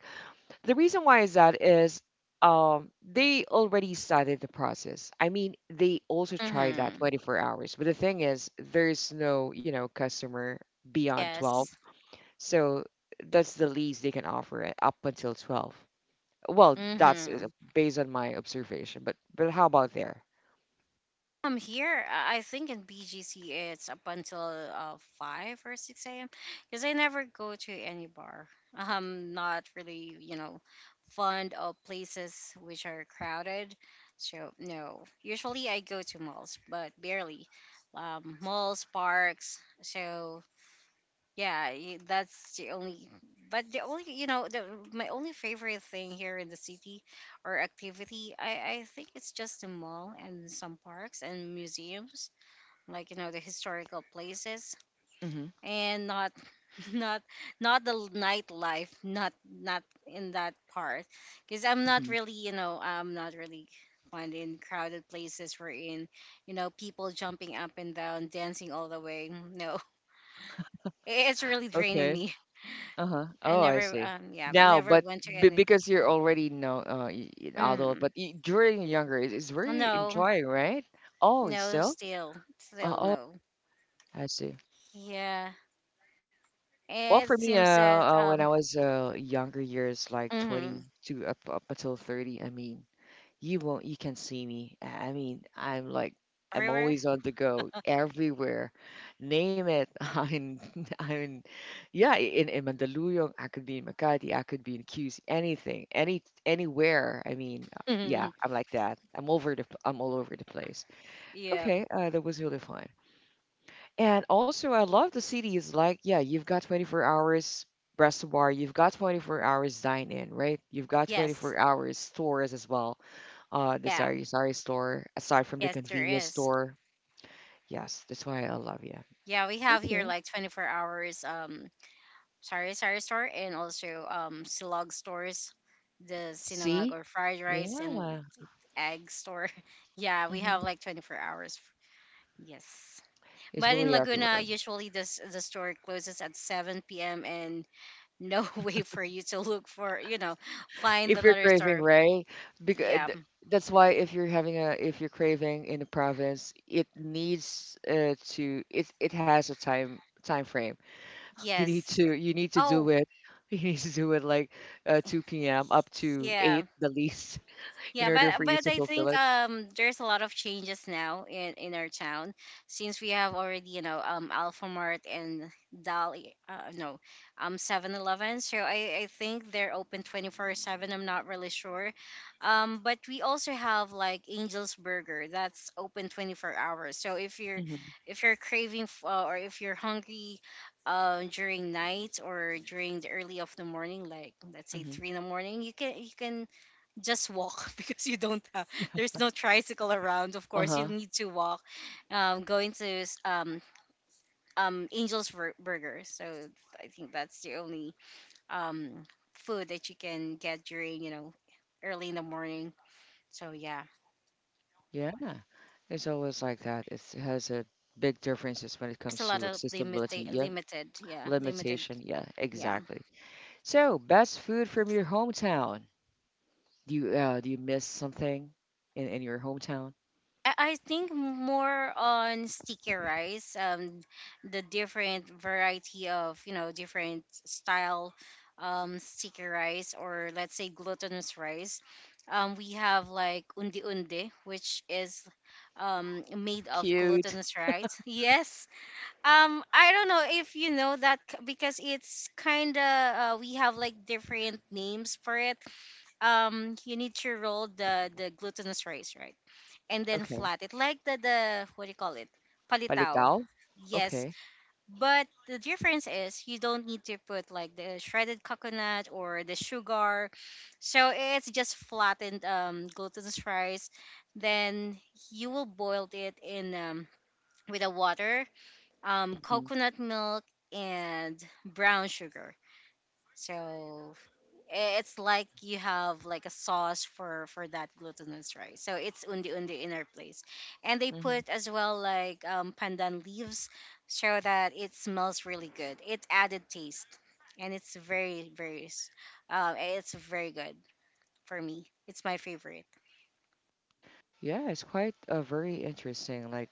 S1: the reason why is that is they already started the process. I mean, they also tried that
S2: hmm
S1: 24 hours, but the thing is, there's no, you know, customer beyond 12,
S2: Yes.
S1: so that's the least they can offer it up until 12. Well, that's
S2: hmm
S1: Based on my observation, but how about there?
S2: I'm here. I think in BGC it's up until five or six a.m. because I never go to any bar. I'm not really, you know, fond of places which are crowded. So no, usually I go to malls, but barely. Malls, parks. So yeah, that's the only. But the only, you know, the, my only favorite thing here in the city or activity, I think it's just the mall and some parks and museums, like, you know, the historical places,
S1: Mm-hmm.
S2: and not, not, not the nightlife, not in that part, because I'm not
S1: Hmm.
S2: really, you know, I'm not really fond in crowded places we're in, you know, people jumping up and down, dancing all the way. No, it's really draining
S1: Okay.
S2: me.
S1: Uh-huh.
S2: I
S1: Oh, I
S2: never,
S1: see.
S2: yeah,
S1: Now,
S2: never
S1: but
S2: went to
S1: b
S2: any.
S1: because you're already no adult,
S2: Mm,
S1: but y during younger, it's very
S2: no,
S1: enjoying, right? Oh, it's
S2: no,
S1: so?
S2: still, still
S1: Oh,
S2: no.
S1: I see.
S2: Yeah, it
S1: Well, for me,
S2: seems that
S1: when I was younger years, like
S2: mhm,
S1: 20 to up until 30, I mean, you won't. You can see me. I mean, I'm
S2: everywhere.
S1: always on the go, everywhere. Name it. I'm, in- yeah. In Mandaluyong, I could be in Makati. I could be in QC. Anything, anywhere. I mean, yeah. I'm like that. I'm all over the place.
S2: Yeah.
S1: Okay, that was really fun. And also, I love the city. Is like, yeah, you've got 24 hours restaurant, you've got 24 hours dine in, right? You've got
S2: Yes.
S1: 24 hours stores as well, uh, the
S2: Yeah.
S1: sari sari store aside from the
S2: Yes, there
S1: convenience
S2: is.
S1: store. Yes, that's why I love you.
S2: Yeah, we have
S1: Okay.
S2: here like 24 hours sari sari store and also silog stores, the sinangag
S1: See.
S2: or fried rice
S1: Yeah.
S2: and egg store. Yeah, we have
S1: Hmm.
S2: like 24 hours. Yes.
S1: It's
S2: But in
S1: really everywhere.
S2: Laguna, usually this the store closes at 7 p.m. and no way for you to look for, you know, find
S1: If you're
S2: another
S1: craving,
S2: store.
S1: right? Because
S2: Yeah.
S1: that's why if you're having a if you're craving in the province, it needs to it it has a time frame.
S2: Yes.
S1: You need to
S2: Oh,
S1: do it you need to do it like 2 p.m up to
S2: yeah.
S1: 8 the least in
S2: Yeah,
S1: order for you
S2: but
S1: to
S2: I
S1: fulfill
S2: think
S1: it.
S2: there's a lot of changes now in our town since we have already, you know, Alpha Mart and Dali, uh, no, Seven Eleven. So I think they're open 24/7. I'm not really sure. Um, but we also have like Angel's Burger that's open 24 hours. So
S1: Hmm.
S2: if you're craving or if you're hungry during night or during the early of the morning, like let's say 3 in the morning, you can just walk because you don't have there's no tricycle around, of course you
S1: Hmm.
S2: need to walk going to Angel's Burger. So I think that's the only um food that you can get during, you know, early in the morning. So yeah.
S1: Yeah, it's always like that. It's, it has a big differences when it
S2: It's a
S1: comes
S2: lot
S1: to
S2: of
S1: accessibility.
S2: limited,
S1: Yeah,
S2: limited, yeah, limited.
S1: limitation. Yeah,
S2: Yeah,
S1: exactly. So, best food from your hometown. Do you miss something in your hometown?
S2: I think more on sticky rice, the different variety of, you know, different style, sticky rice or let's say glutinous rice. We have like undi undi, which is made of
S1: Cute.
S2: glutinous rice. Yes. I don't know if you know that because it's kind of we have like different names for it. You need to roll the glutinous rice, right? And then
S1: Okay.
S2: flat it like the what do you call it, palitao.
S1: Palitao.
S2: Yes,
S1: Okay.
S2: but the difference is you don't need to put like the shredded coconut or the sugar, so it's just flattened glutinous rice, then you will boil it in with a water,
S1: Hmm.
S2: coconut milk, and brown sugar. So I- it's like you have like a sauce for that glutinous rice, so it's undi undi in our place. And they
S1: Hmm.
S2: put as well like pandan leaves so that it smells really good, it added taste. And it's very good. For me, it's my favorite.
S1: Yeah, it's quite very interesting. Like,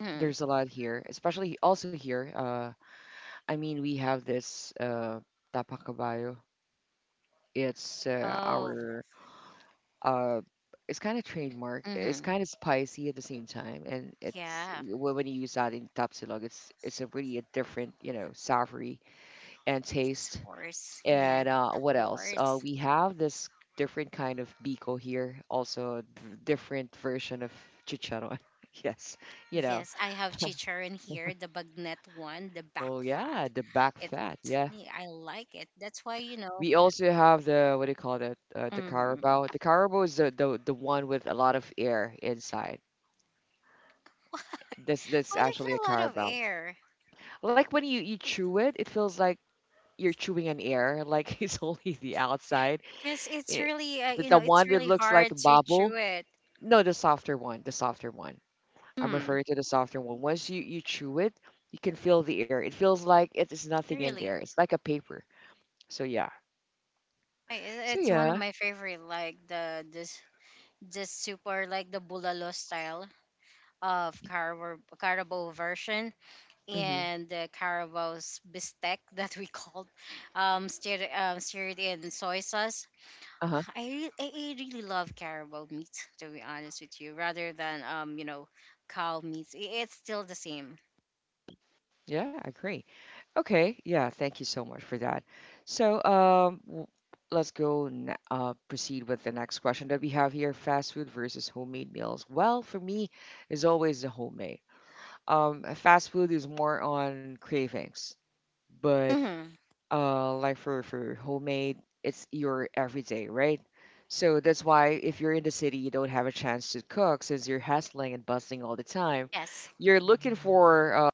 S2: Mhm.
S1: there's a lot here, especially also here. I mean, we have this Tapakabayo. It's
S2: Oh.
S1: our uh it's kind of trademark, it's
S2: hmm
S1: kind of spicy at the same time and it's
S2: yeah,
S1: when you use that in tapsilog, it's a really a different, you know, savory and
S2: it's
S1: taste.
S2: horse, yeah,
S1: And
S2: it's a
S1: what else, uh,
S2: horse.
S1: we have this different kind of biko here, also different version of chicharon yes, you know.
S2: Yes, I have chicharon here, the bagnet one, the back
S1: Oh yeah,
S2: fat.
S1: the back
S2: It,
S1: fat, yeah.
S2: yeah, I like it. That's why, you know.
S1: We also have the, what do you call that, the
S2: Mm,
S1: carabao, the carabao is the one with a lot of air inside. This is
S2: oh,
S1: actually a
S2: there's a lot of
S1: carabao.
S2: air.
S1: Like when you chew it, it feels like you're chewing an air, like it's only the outside.
S2: Yes, it's
S1: It,
S2: really you
S1: the
S2: know, it's
S1: one that
S2: really
S1: looks like a
S2: hard to chew
S1: bubble.
S2: it.
S1: No, the softer one. I'm
S2: Mm,
S1: referring to the softer one. Once you chew it, you can feel the air. It feels like it is nothing in there.
S2: really,
S1: It's like a paper. So yeah. So
S2: it's one of
S1: yeah.
S2: my favorite. Like the this this soup or like the bulalo style of Carabo, Carabo version,
S1: Mm-hmm.
S2: and the Carabo's bistec that we called stir, stirred in soy sauce.
S1: Uh-huh.
S2: I, re- I really love caribou meat, to be honest with you, rather than you know, cow meat. It's still the same.
S1: Yeah, I agree. Okay, yeah, thank you so much for that. So, let's go n proceed with the next question that we have here, fast food versus homemade meals. Well, for me, is always the homemade. Fast food is more on cravings, but
S2: Mm-hmm.
S1: like for homemade, it's your everyday, right? So that's why if you're in the city, you don't have a chance to cook since you're hustling and bustling all the time.
S2: Yes.
S1: You're looking for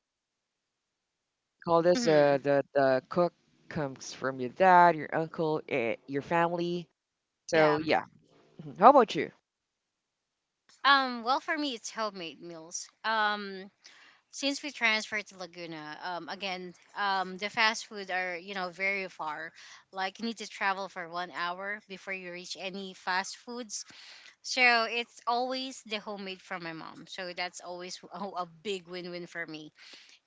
S1: call this
S2: Mm-hmm.
S1: the cook comes from your dad, your uncle, eh, your family.
S2: Yeah.
S1: So yeah. Mhm. How about you?
S2: Well, for me, it's homemade meals. Um, since we transferred to Laguna, again, the fast food are, you know, very far. Like you need to travel for 1 hour before you reach any fast foods. So it's always the homemade from my mom. So that's always a big win-win for me.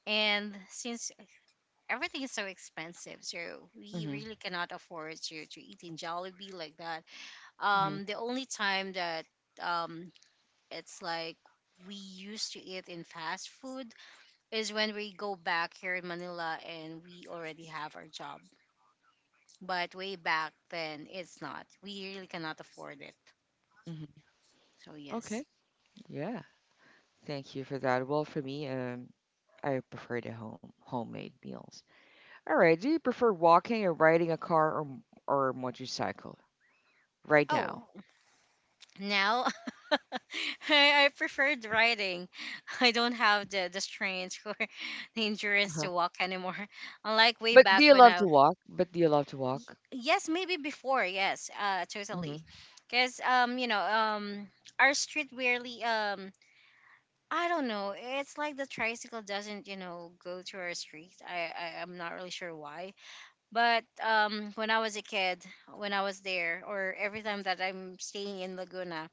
S2: And since everything is so expensive, so we
S1: Hmm.
S2: really cannot afford to eat in Jollibee like that.
S1: Hmm.
S2: The only time that um it's like we used to eat in fast food is when we go back here in Manila and we already have our job. But way back then, it's not. We really cannot afford it.
S1: Hmm.
S2: So yes.
S1: Okay. Yeah. Thank you for that. Well, for me, I prefer the homemade meals. All right. Do you prefer walking or riding a car or motorcycle right now?
S2: Oh, now I, I preferred riding. I don't have the strength or the endurance to
S1: Uh-huh.
S2: walk anymore. Unlike way
S1: But do
S2: back
S1: you
S2: when
S1: love to walk?
S2: y- yes, maybe before, yes, totally.
S1: Hmm.
S2: Because, you know, our street rarely, I don't know, it's like the tricycle doesn't, you know, go to our street. I'm not really sure why. But when I was a kid, when I was there, or every time that I'm staying in Laguna,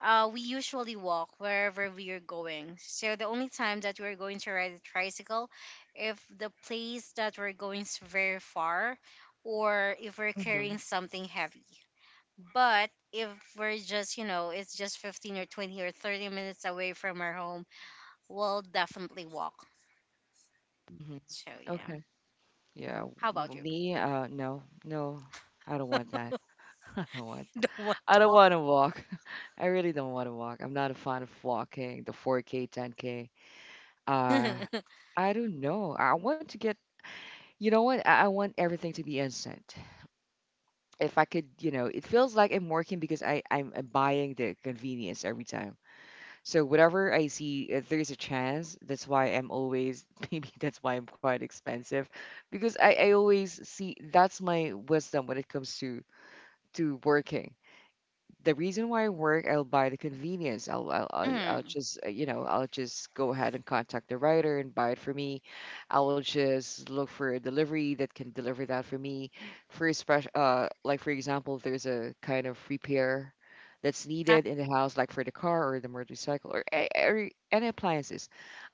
S2: we usually walk wherever we are going. So the only time that we're going to ride a tricycle, if the place that we're going is very far, or if we're
S1: Hmm.
S2: carrying something heavy. But if we're just, you know, it's just 15 or 20 or 30 minutes away from our home, we'll definitely walk.
S1: Hmm.
S2: So yeah.
S1: Okay. Yeah.
S2: How about you?
S1: Me, no, no, I don't want that. I don't want
S2: Don't want
S1: I
S2: to
S1: don't
S2: walk.
S1: want to walk. I really don't want to walk. I'm not a fan of walking, the 4K, 10K. Uh, I don't know. I want to get, you know what? I want everything to be instant. If I could, you know, it feels like I'm working because I'm buying the convenience every time. So whatever I see, if there's a chance, that's why I'm always, maybe that's why I'm quite expensive because I always see that's my wisdom when it comes to working. The reason why I work, I'll buy the convenience. I'll
S2: Mm.
S1: just, you know, I'll just go ahead and contact the writer and buy it for me. I will just look for a delivery that can deliver that for me. For a special, like for example, if there's a kind of repair that's
S2: Uh,
S1: needed in the house, like for the car or the motorcycle or every, any appliances,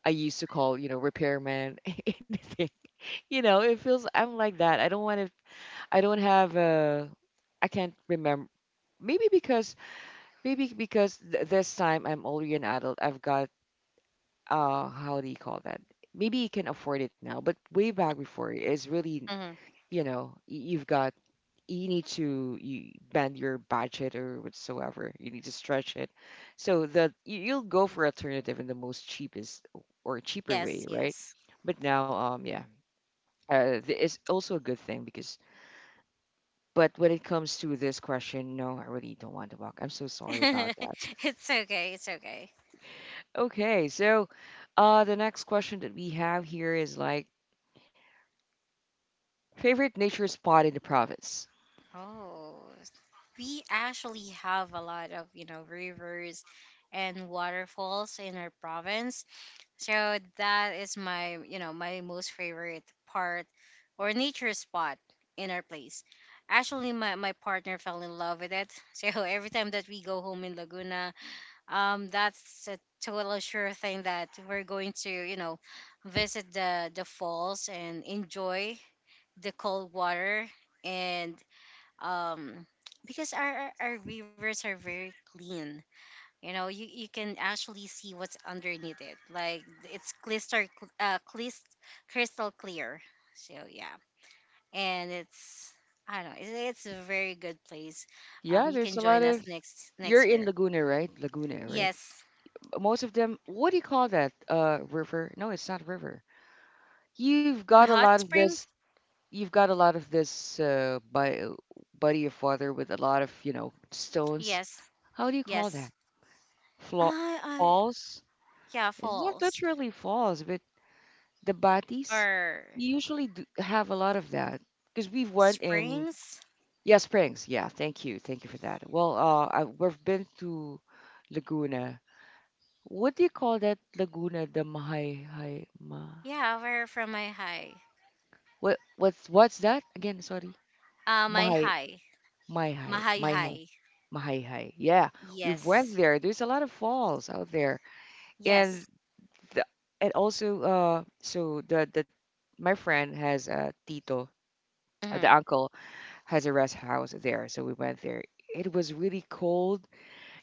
S1: I used to call, you know, repairman, anything. You know, it feels I'm like that. I don't want to. I don't have a. I can't remember. Maybe because this time I'm already an adult. I've got how do you call that? Maybe you can afford it now, but way back before is really,
S2: mhm.
S1: you know, you've got you need to you bend your budget or whatsoever. You need to stretch it. So that you'll go for alternative in the most cheapest or cheaper
S2: Yes,
S1: way, right?
S2: yes.
S1: But now, yeah, it's also a good thing because. But when it comes to this question, no, I really don't want to walk. I'm so sorry about that.
S2: It's okay. It's okay.
S1: Okay, so the next question that we have here is like favorite nature spot in the province.
S2: Oh, we actually have a lot of, you know, rivers and waterfalls in our province. So that is my, you know, my most favorite part or nature spot in our place. Actually, my partner fell in love with it. So every time that we go home in Laguna, that's a total sure thing that we're going to, you know, visit the falls and enjoy the cold water and um because our rivers are very clean, you know, you can actually see what's underneath it, like it's crystal uh, clis- crystal clear. So yeah. And it's, I don't know, it's a very good place. Um,
S1: Yeah,
S2: you
S1: there's
S2: can
S1: a lot
S2: join us
S1: of.
S2: next
S1: You're
S2: next
S1: in
S2: year.
S1: Laguna, right? Laguna, right?
S2: Yes,
S1: Most of them. What do you call that? River? No, it's not river. You've
S2: my
S1: got a
S2: hot
S1: lot of
S2: spring.
S1: this. You've got a lot of this by, body of water with a lot of, you know, stones.
S2: Yes.
S1: How do you call
S2: Yes.
S1: that? Flaw,
S2: I
S1: falls.
S2: Yeah,
S1: It's not
S2: falls.
S1: literally falls, but the batis,
S2: Or
S1: you usually do have a lot of that because we've went in,
S2: springs,
S1: yeah, springs, yeah, thank you for that. Well I, we've been to Laguna, what do you call that Laguna the mahay hai ma,
S2: yeah. Where from my high.
S1: what what's that again, sorry,
S2: Uh, my
S1: mahay,
S2: high.
S1: mai hai,
S2: Mahay
S1: mai hai,
S2: high.
S1: mahay hai, yeah, we've went
S2: Yes.
S1: there, there's a lot of falls out there and
S2: Yes.
S1: the, and also uh so the my friend has a tito,
S2: Mm-hmm.
S1: the uncle has a rest house there. So we went there. It was really cold.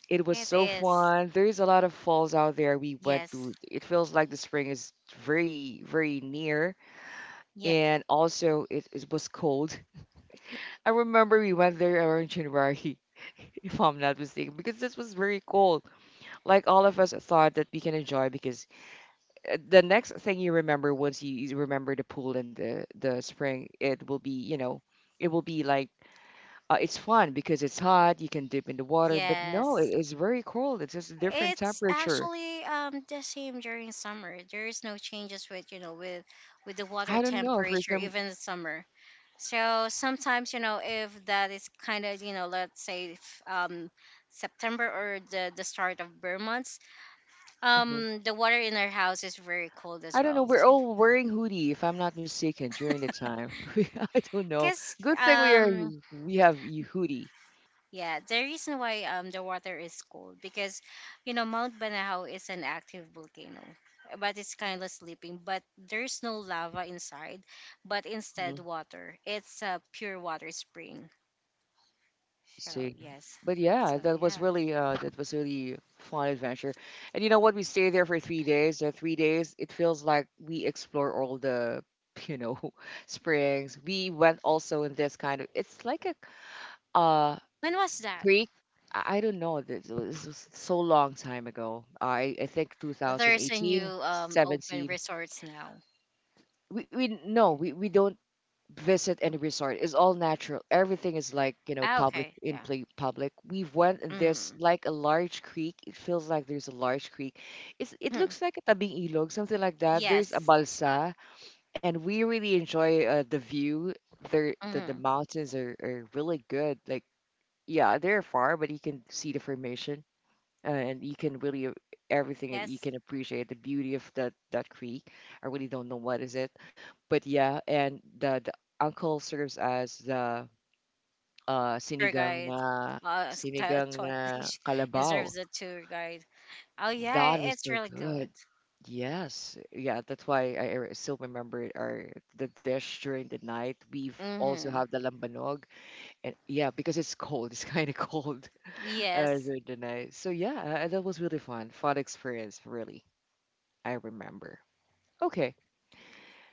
S1: It was
S2: It
S1: so
S2: is.
S1: fun. There is a lot of falls out there. We went
S2: Yes.
S1: to. It feels like the spring is very, very near,
S2: Yes.
S1: and also it was cold. I remember we went there around January, if I'm not mistaken, because this was very cold. Like all of us thought that we can enjoy because the next thing you remember once you remember the pool and the spring, it will be, you know, it will be like uh, it's fun because it's hot. You can dip in the water, but no,
S2: Yes.
S1: it's very cold. It's just a different
S2: It's
S1: temperature.
S2: actually the same during summer. There is no changes with, you know, with the water
S1: I don't know for
S2: temperature
S1: some.
S2: even in summer. So sometimes, you know, if that is kind of, you know, let's say if, September or the start of bare months,
S1: Mhm.
S2: the water in our house is very cold as
S1: I don't know.
S2: well.
S1: We're all wearing hoodie, if I'm not mistaken, during the time. I don't know.
S2: Because
S1: Good thing we are. We have you hoodie.
S2: yeah, the reason why the water is cold because, you know, Mount Banahaw is an active volcano, eh, but it's kind of sleeping. But there's no lava inside, but
S1: Mhm.
S2: instead water. It's a pure water spring. So
S1: See,
S2: yes,
S1: but yeah,
S2: so yeah.
S1: that was really fun adventure. And you know what? We stayed there for 3 days. The 3 days, it feels like we explore all the you know springs. We went also in this kind of. It's like a uh
S2: When was that?
S1: creek. I don't know. This was so long time ago. I think two thousand
S2: There's a new
S1: eighteen,
S2: open
S1: 17.
S2: resorts now.
S1: We don't visit any resort. It's all natural. Everything is like, you know,
S2: Ah,
S1: public
S2: okay,
S1: in
S2: yeah.
S1: play public. We went in this
S2: Mm-hmm.
S1: like a large creek. It feels like there's a large creek. It
S2: hmm
S1: looks like a tabing ilog, something like that. There's a
S2: Yes.
S1: balsa and we really enjoy the view. The
S2: Mm-hmm.
S1: mountains are really good. Like yeah, they're far, but you can see the formation and you can everything that you
S2: Yes.
S1: can appreciate the beauty of that creek. I really don't know what is it, but yeah, and the uncle serves as the uh
S2: Tour
S1: sinigang
S2: guide.
S1: na
S2: Uh, t-
S1: sinigang
S2: t-
S1: na kalabaw.
S2: deserves a tour guide. Oh
S1: That
S2: yeah,
S1: was
S2: it's
S1: so
S2: really
S1: good.
S2: good.
S1: Yes, yeah, that's why still remember our the dish during the night. We've also have
S2: Mhm.
S1: the lambanog, and yeah, because it's cold, it's kind of cold
S2: Yes.
S1: during the night. So yeah, that was really fun, fun experience, really. I remember. Okay.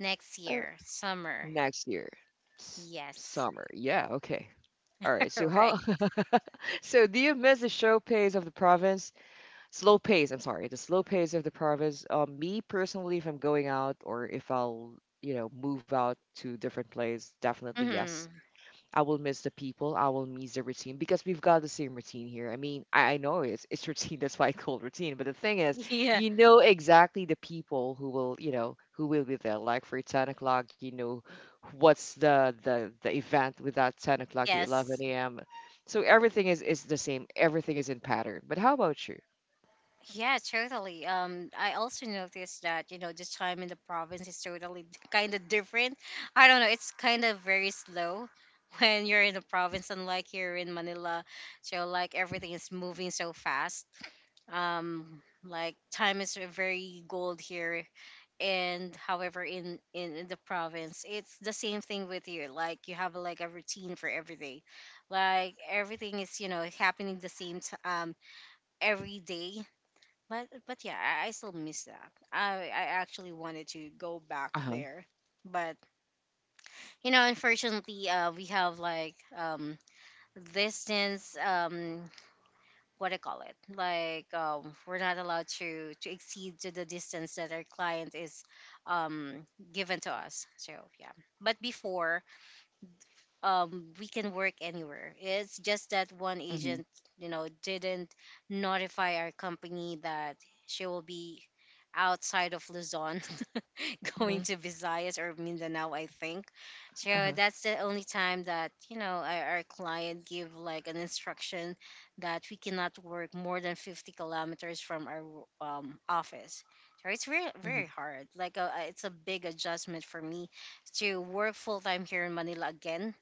S2: Next
S1: All right.
S2: year, summer.
S1: Next year. S-
S2: Yes.
S1: Summer. Yeah, okay. All right. So
S2: Right.
S1: how So do you miss the show pace of the province? Slow pace, I'm sorry. The slow pace of the province. Me personally, if I'm going out or if I'll, move out to different place, definitely yes.
S2: Mhm.
S1: I will miss the people. I will miss the routine because we've got the same routine here. I mean, I know it's routine. That's why I call it routine. But the thing is,
S2: Yeah.
S1: you know exactly the people who will be there. Like for 10 o'clock, you know what's the event with that 10 o'clock to
S2: Yes.
S1: 11 a.m. So everything is the same. Everything is in pattern. But how about you?
S2: Yeah, totally. Um, I also noticed that, you know, the time in the province is totally kind of different. I don't know, it's kind of very slow when you're in the province unlike here in Manila. So like everything is moving so fast. Um, like time is very gold here, and however in, in the province it's the same thing with you, like you have like a routine for every day, like everything is, you know, happening the same every day. But yeah, I still miss that. I actually wanted to go back
S1: Uh huh.
S2: there, but, you know, unfortunately we have like distance, what I call it. Like we're not allowed to exceed to the distance that our client is um, given to us. So yeah. But before we can work anywhere. It's just that one
S1: Mm-hmm.
S2: agent didn't notify our company that she will be outside of Luzon,
S1: Mm-hmm.
S2: going to Visayas or Mindanao, I think.
S1: Uh-huh.
S2: So that's the only time that our client give like an instruction that we cannot work more than 50 kilometers from our office. So it's very
S1: Hmm.
S2: very hard, like it's a big adjustment for me to work full time here in Manila again.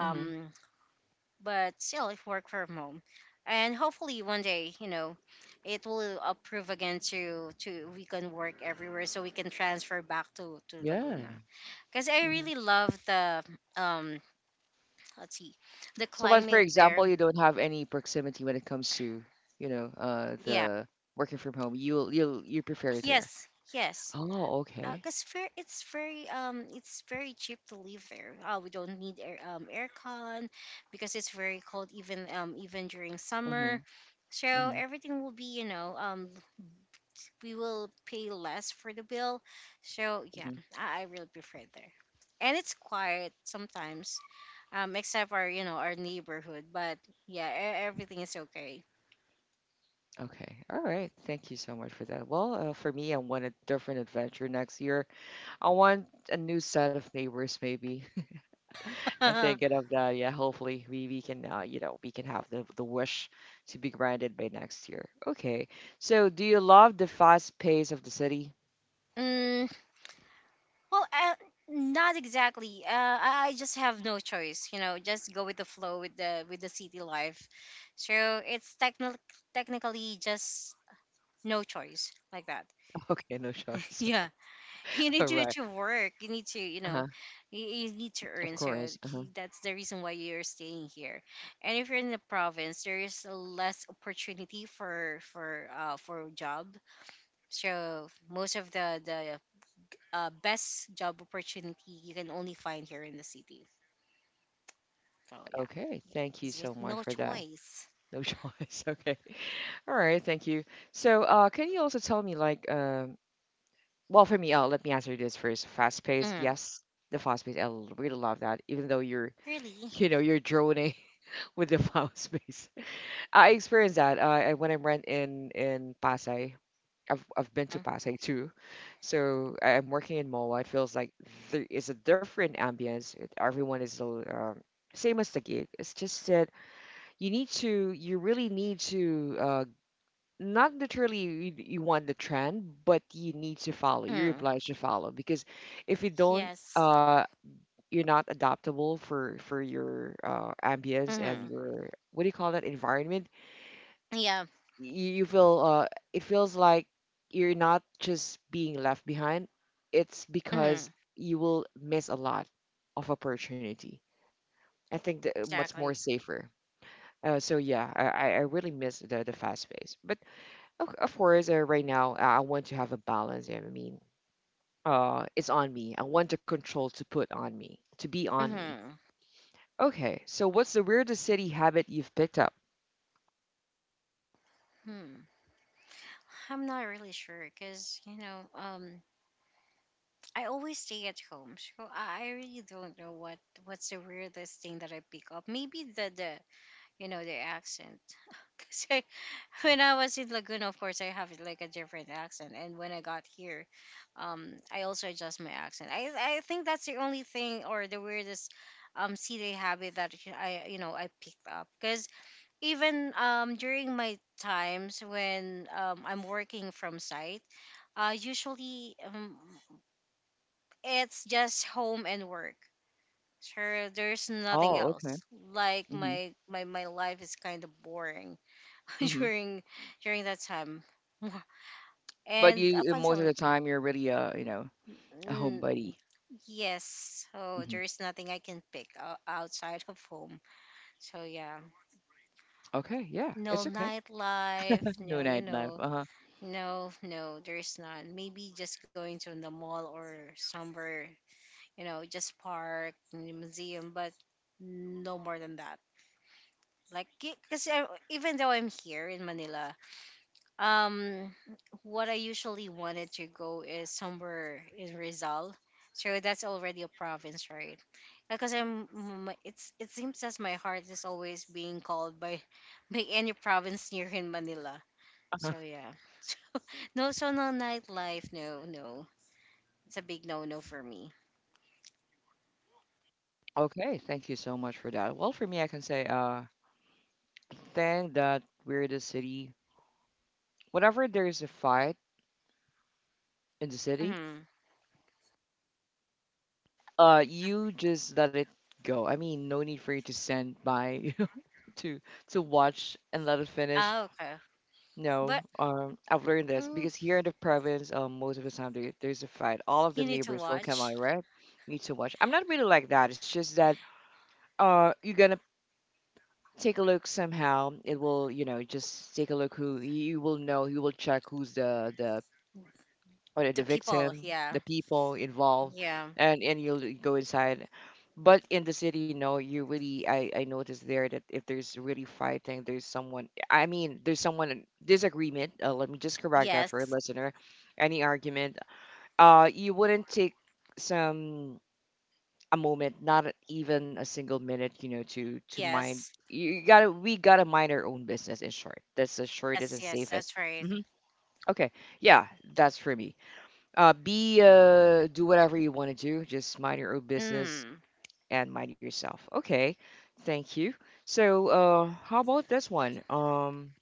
S1: Hmm.
S2: but still if work from home, and hopefully one day, you know, it will approve again to we can work everywhere, so we can transfer back to Laguna,
S1: Yeah.
S2: because I really love the um let's see, the
S1: So like for
S2: climate there.
S1: example, you don't have any proximity when it comes to,
S2: Yeah.
S1: the working from home. You prefer it there.
S2: Yes. Yes,
S1: Oh, okay.
S2: because it's very cheap to live there. We don't need air aircon because it's very cold, even even during summer.
S1: Mhm.
S2: So
S1: Mhm.
S2: everything will be, you know, we will pay less for the bill. So yeah,
S1: Mhm.
S2: I really prefer it there. And it's quiet sometimes, except our you know our neighborhood. But yeah, everything is okay.
S1: Okay. All right. Thank you so much for that. Well, for me, I want a different adventure next year. I want a new set of neighbors maybe. I'm
S2: Mm.
S1: thinking of that. Yeah, hopefully we can have the wish to be granted by next year. Okay. So, do you love the fast pace of the city?
S2: Well, uh, not exactly. I just have no choice. You know, just go with the flow with the city life. So it's technically just no choice like that.
S1: Okay, no choice.
S2: Yeah. You need
S1: All right.
S2: to work, you need to, you
S1: Uh-huh.
S2: know, you need to
S1: Of
S2: earn. So
S1: course. Uh-huh.
S2: that's the reason why you're staying here. And if you're in the province, there is less opportunity for for job. So most of the best job opportunity you can only find here in the city. So yeah,
S1: Okay. Thank you
S2: it's
S1: so
S2: just
S1: much
S2: no
S1: for that.
S2: choice.
S1: No choice. Okay. All right. Thank you. So, can you also tell me, like, well, for me, let me answer this first. Fast pace.
S2: Mm.
S1: Yes, the fast pace. I really love that. Even though you're,
S2: Really.
S1: you know, you're droning with the fast pace. I experienced that. I When I went in Pasay. I've been to
S2: Mm.
S1: Pasay too, so I'm working in Moa. It feels like there is a different ambience. Everyone is same as the gig. It's just that you really need to not literally you, want the trend but you need to follow,
S2: Mm.
S1: you're obliged to follow, because if you don't,
S2: Yes.
S1: you're not adaptable for your ambience and
S2: Mm-hmm.
S1: your, what do you call that, environment.
S2: Yeah.
S1: You feel, it feels like you're not just being left behind. It's
S2: Mm-hmm.
S1: because you will miss a lot of opportunity. I think that, much more
S2: Exactly.
S1: safer. So yeah, I really miss the fast pace. But, of course, right now, I want to have a balance. I mean, it's on me. I want the control to put on me, to be on me.
S2: Mm-hmm.
S1: Okay, so what's the weirdest city habit you've picked up?
S2: Hmm. I'm not really sure, because you know, I always stay at home, so I really don't know what what's the weirdest thing that I pick up. Maybe the the accent, because I, when I was in Laguna, of course, I have like a different accent, and when I got here, I also adjust my accent. I think that's the only thing, or the weirdest silly habit that I, I picked up, because even during my times when I'm working from site, usually, it's just home and work. Sure, there's nothing
S1: Oh, okay.
S2: else. Like
S1: Hmm.
S2: my life is kind of boring
S1: Hmm.
S2: during that time,
S1: But
S2: and up
S1: you, most of
S2: until.
S1: the time, you're really a
S2: Mm.
S1: homebody.
S2: Yes, so
S1: Hmm.
S2: there is nothing I can pick outside of home. So yeah,
S1: Okay, yeah, it's
S2: no
S1: okay.
S2: nightlife,
S1: No
S2: no, you
S1: nightlife.
S2: know,
S1: Uh-huh.
S2: no, there is none. Maybe just going to the mall or somewhere, you know, just park and the museum, but no more than that. Like, because even though I'm here in Manila, um, what I usually wanted to go is somewhere in Rizal. So that's already a province, right? Because it's it seems as my heart is always being called by, by any province near in Manila.
S1: Uh-huh.
S2: So yeah, no, so no nightlife, it's a big no no for me.
S1: Okay, thank you so much for that. Well, for me, I can say, thing that weirdest city. Whenever there's a fight in the city,
S2: Hmm.
S1: you just let it go. I mean, no need for you to send by, to to watch and let it finish.
S2: Ah, okay,
S1: No,
S2: but.
S1: I've learned this
S2: Mm.
S1: because here in the province, most of the time there's a fight, all of the
S2: You need to
S1: neighbors will come
S2: watch
S1: out, right? Need to watch. I'm not really like that. It's just that, you're gonna take a look. Somehow it will, just take a look, who you will know, you will check who's
S2: the
S1: the
S2: people.
S1: victim,
S2: Yeah.
S1: the people involved,
S2: Yeah.
S1: and you'll go inside. But in the city, no, you really I noticed there that if there's really fighting, there's someone. I mean, there's someone in disagreement. Let me just correct that for a
S2: Yes.
S1: listener. Any argument, you wouldn't take some a moment, not even a single minute, to mind.
S2: Yes.
S1: We gotta mind our own business. In short, that's the shortest
S2: Yes.
S1: and
S2: Yes.
S1: safest.
S2: That's right.
S1: Hmm. Okay, yeah, that's for me. Be do whatever you want to do. Just mind your own business
S2: Mm.
S1: and mind yourself. Okay, thank you. So, how about this one?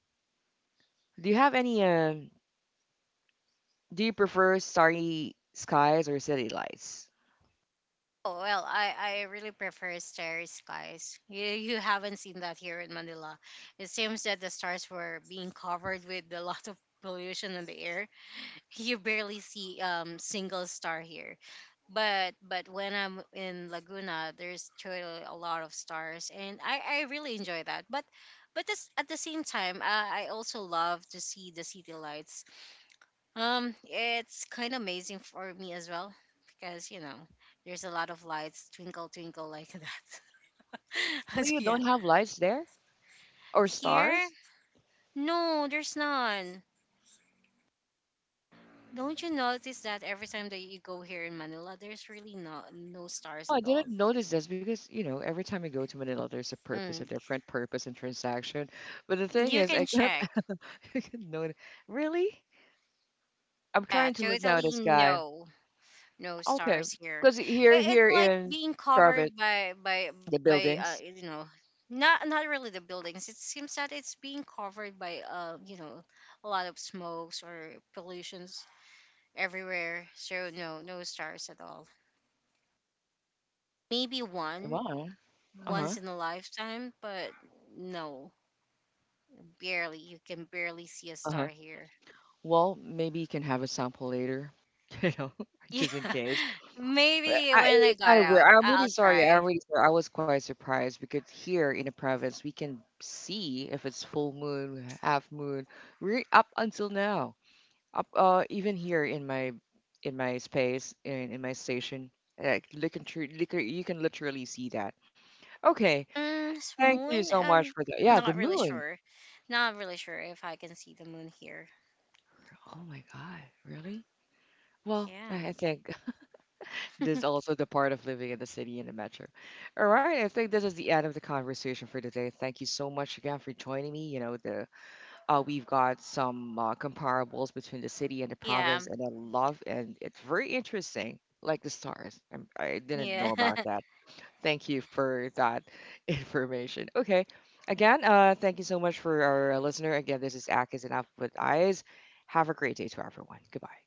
S1: Do you have any? Do you prefer starry skies or city lights?
S2: Oh, well, I really prefer starry skies. You haven't seen that here in Manila. It seems that the stars were being covered with a lot of pollution in the air. You barely see single star here, but when I'm in Laguna there's totally a lot of stars and I really enjoy that, but this, at the same time, I also love to see the city lights. It's kind of amazing for me as well, because you know there's a lot of lights, twinkle twinkle like that.
S1: Well,
S2: So
S1: you don't
S2: yeah,
S1: have lights there or
S2: here,
S1: stars.
S2: no, there's none. Don't you notice that every time that you go here in Manila, there's really no stars
S1: Oh, I
S2: at
S1: didn't
S2: all?
S1: notice this because every time I go to Manila, there's a purpose, a
S2: Mm.
S1: different purpose and transaction. But the thing
S2: You
S1: is, I
S2: can
S1: can't.
S2: check.
S1: I can't notice. Really, I'm
S2: Yeah,
S1: trying to look now at the
S2: totally
S1: sky.
S2: no no
S1: Okay,
S2: stars here.
S1: because here
S2: It's like
S1: in
S2: being
S1: private
S2: covered by
S1: the buildings.
S2: you know, not really the buildings. It seems that it's being covered by, you know, a lot of smokes or pollutions everywhere. So no stars at all. Maybe one,
S1: Wow. Uh huh.
S2: once in a lifetime, but no. Barely, you can barely see a
S1: Uh huh.
S2: star here.
S1: Well, maybe you can have a sample later. You know,
S2: Yeah,
S1: just in case. But
S2: maybe when I
S1: it's kind
S2: got
S1: of weird.
S2: out,
S1: I'm really
S2: I'll
S1: sorry.
S2: try.
S1: I'm really sorry. I was quite surprised because here in the province we can see if it's full moon, half moon, re up until now. Even here in my space in my station, like looking through, you can literally see that. Okay. Thank you
S2: Moon?
S1: so much
S2: I'm
S1: for that. Yeah, the
S2: not really
S1: moon.
S2: sure. Not really sure if I can see the moon here.
S1: Oh my God, really? Well,
S2: Yeah.
S1: I think this is also the part of living in the city and the metro. All right, I think this is the end of the conversation for today. Thank you so much again for joining me. You know, the we've got some comparables between the city and the
S2: Yeah.
S1: province, and I love, and it's very interesting, like the stars. I didn't know about
S2: Yeah.
S1: that. Thank you for that information. Okay. Again, thank you so much for our listener. Again, this is Akis and Up with Eyes. Have a great day to everyone. Goodbye.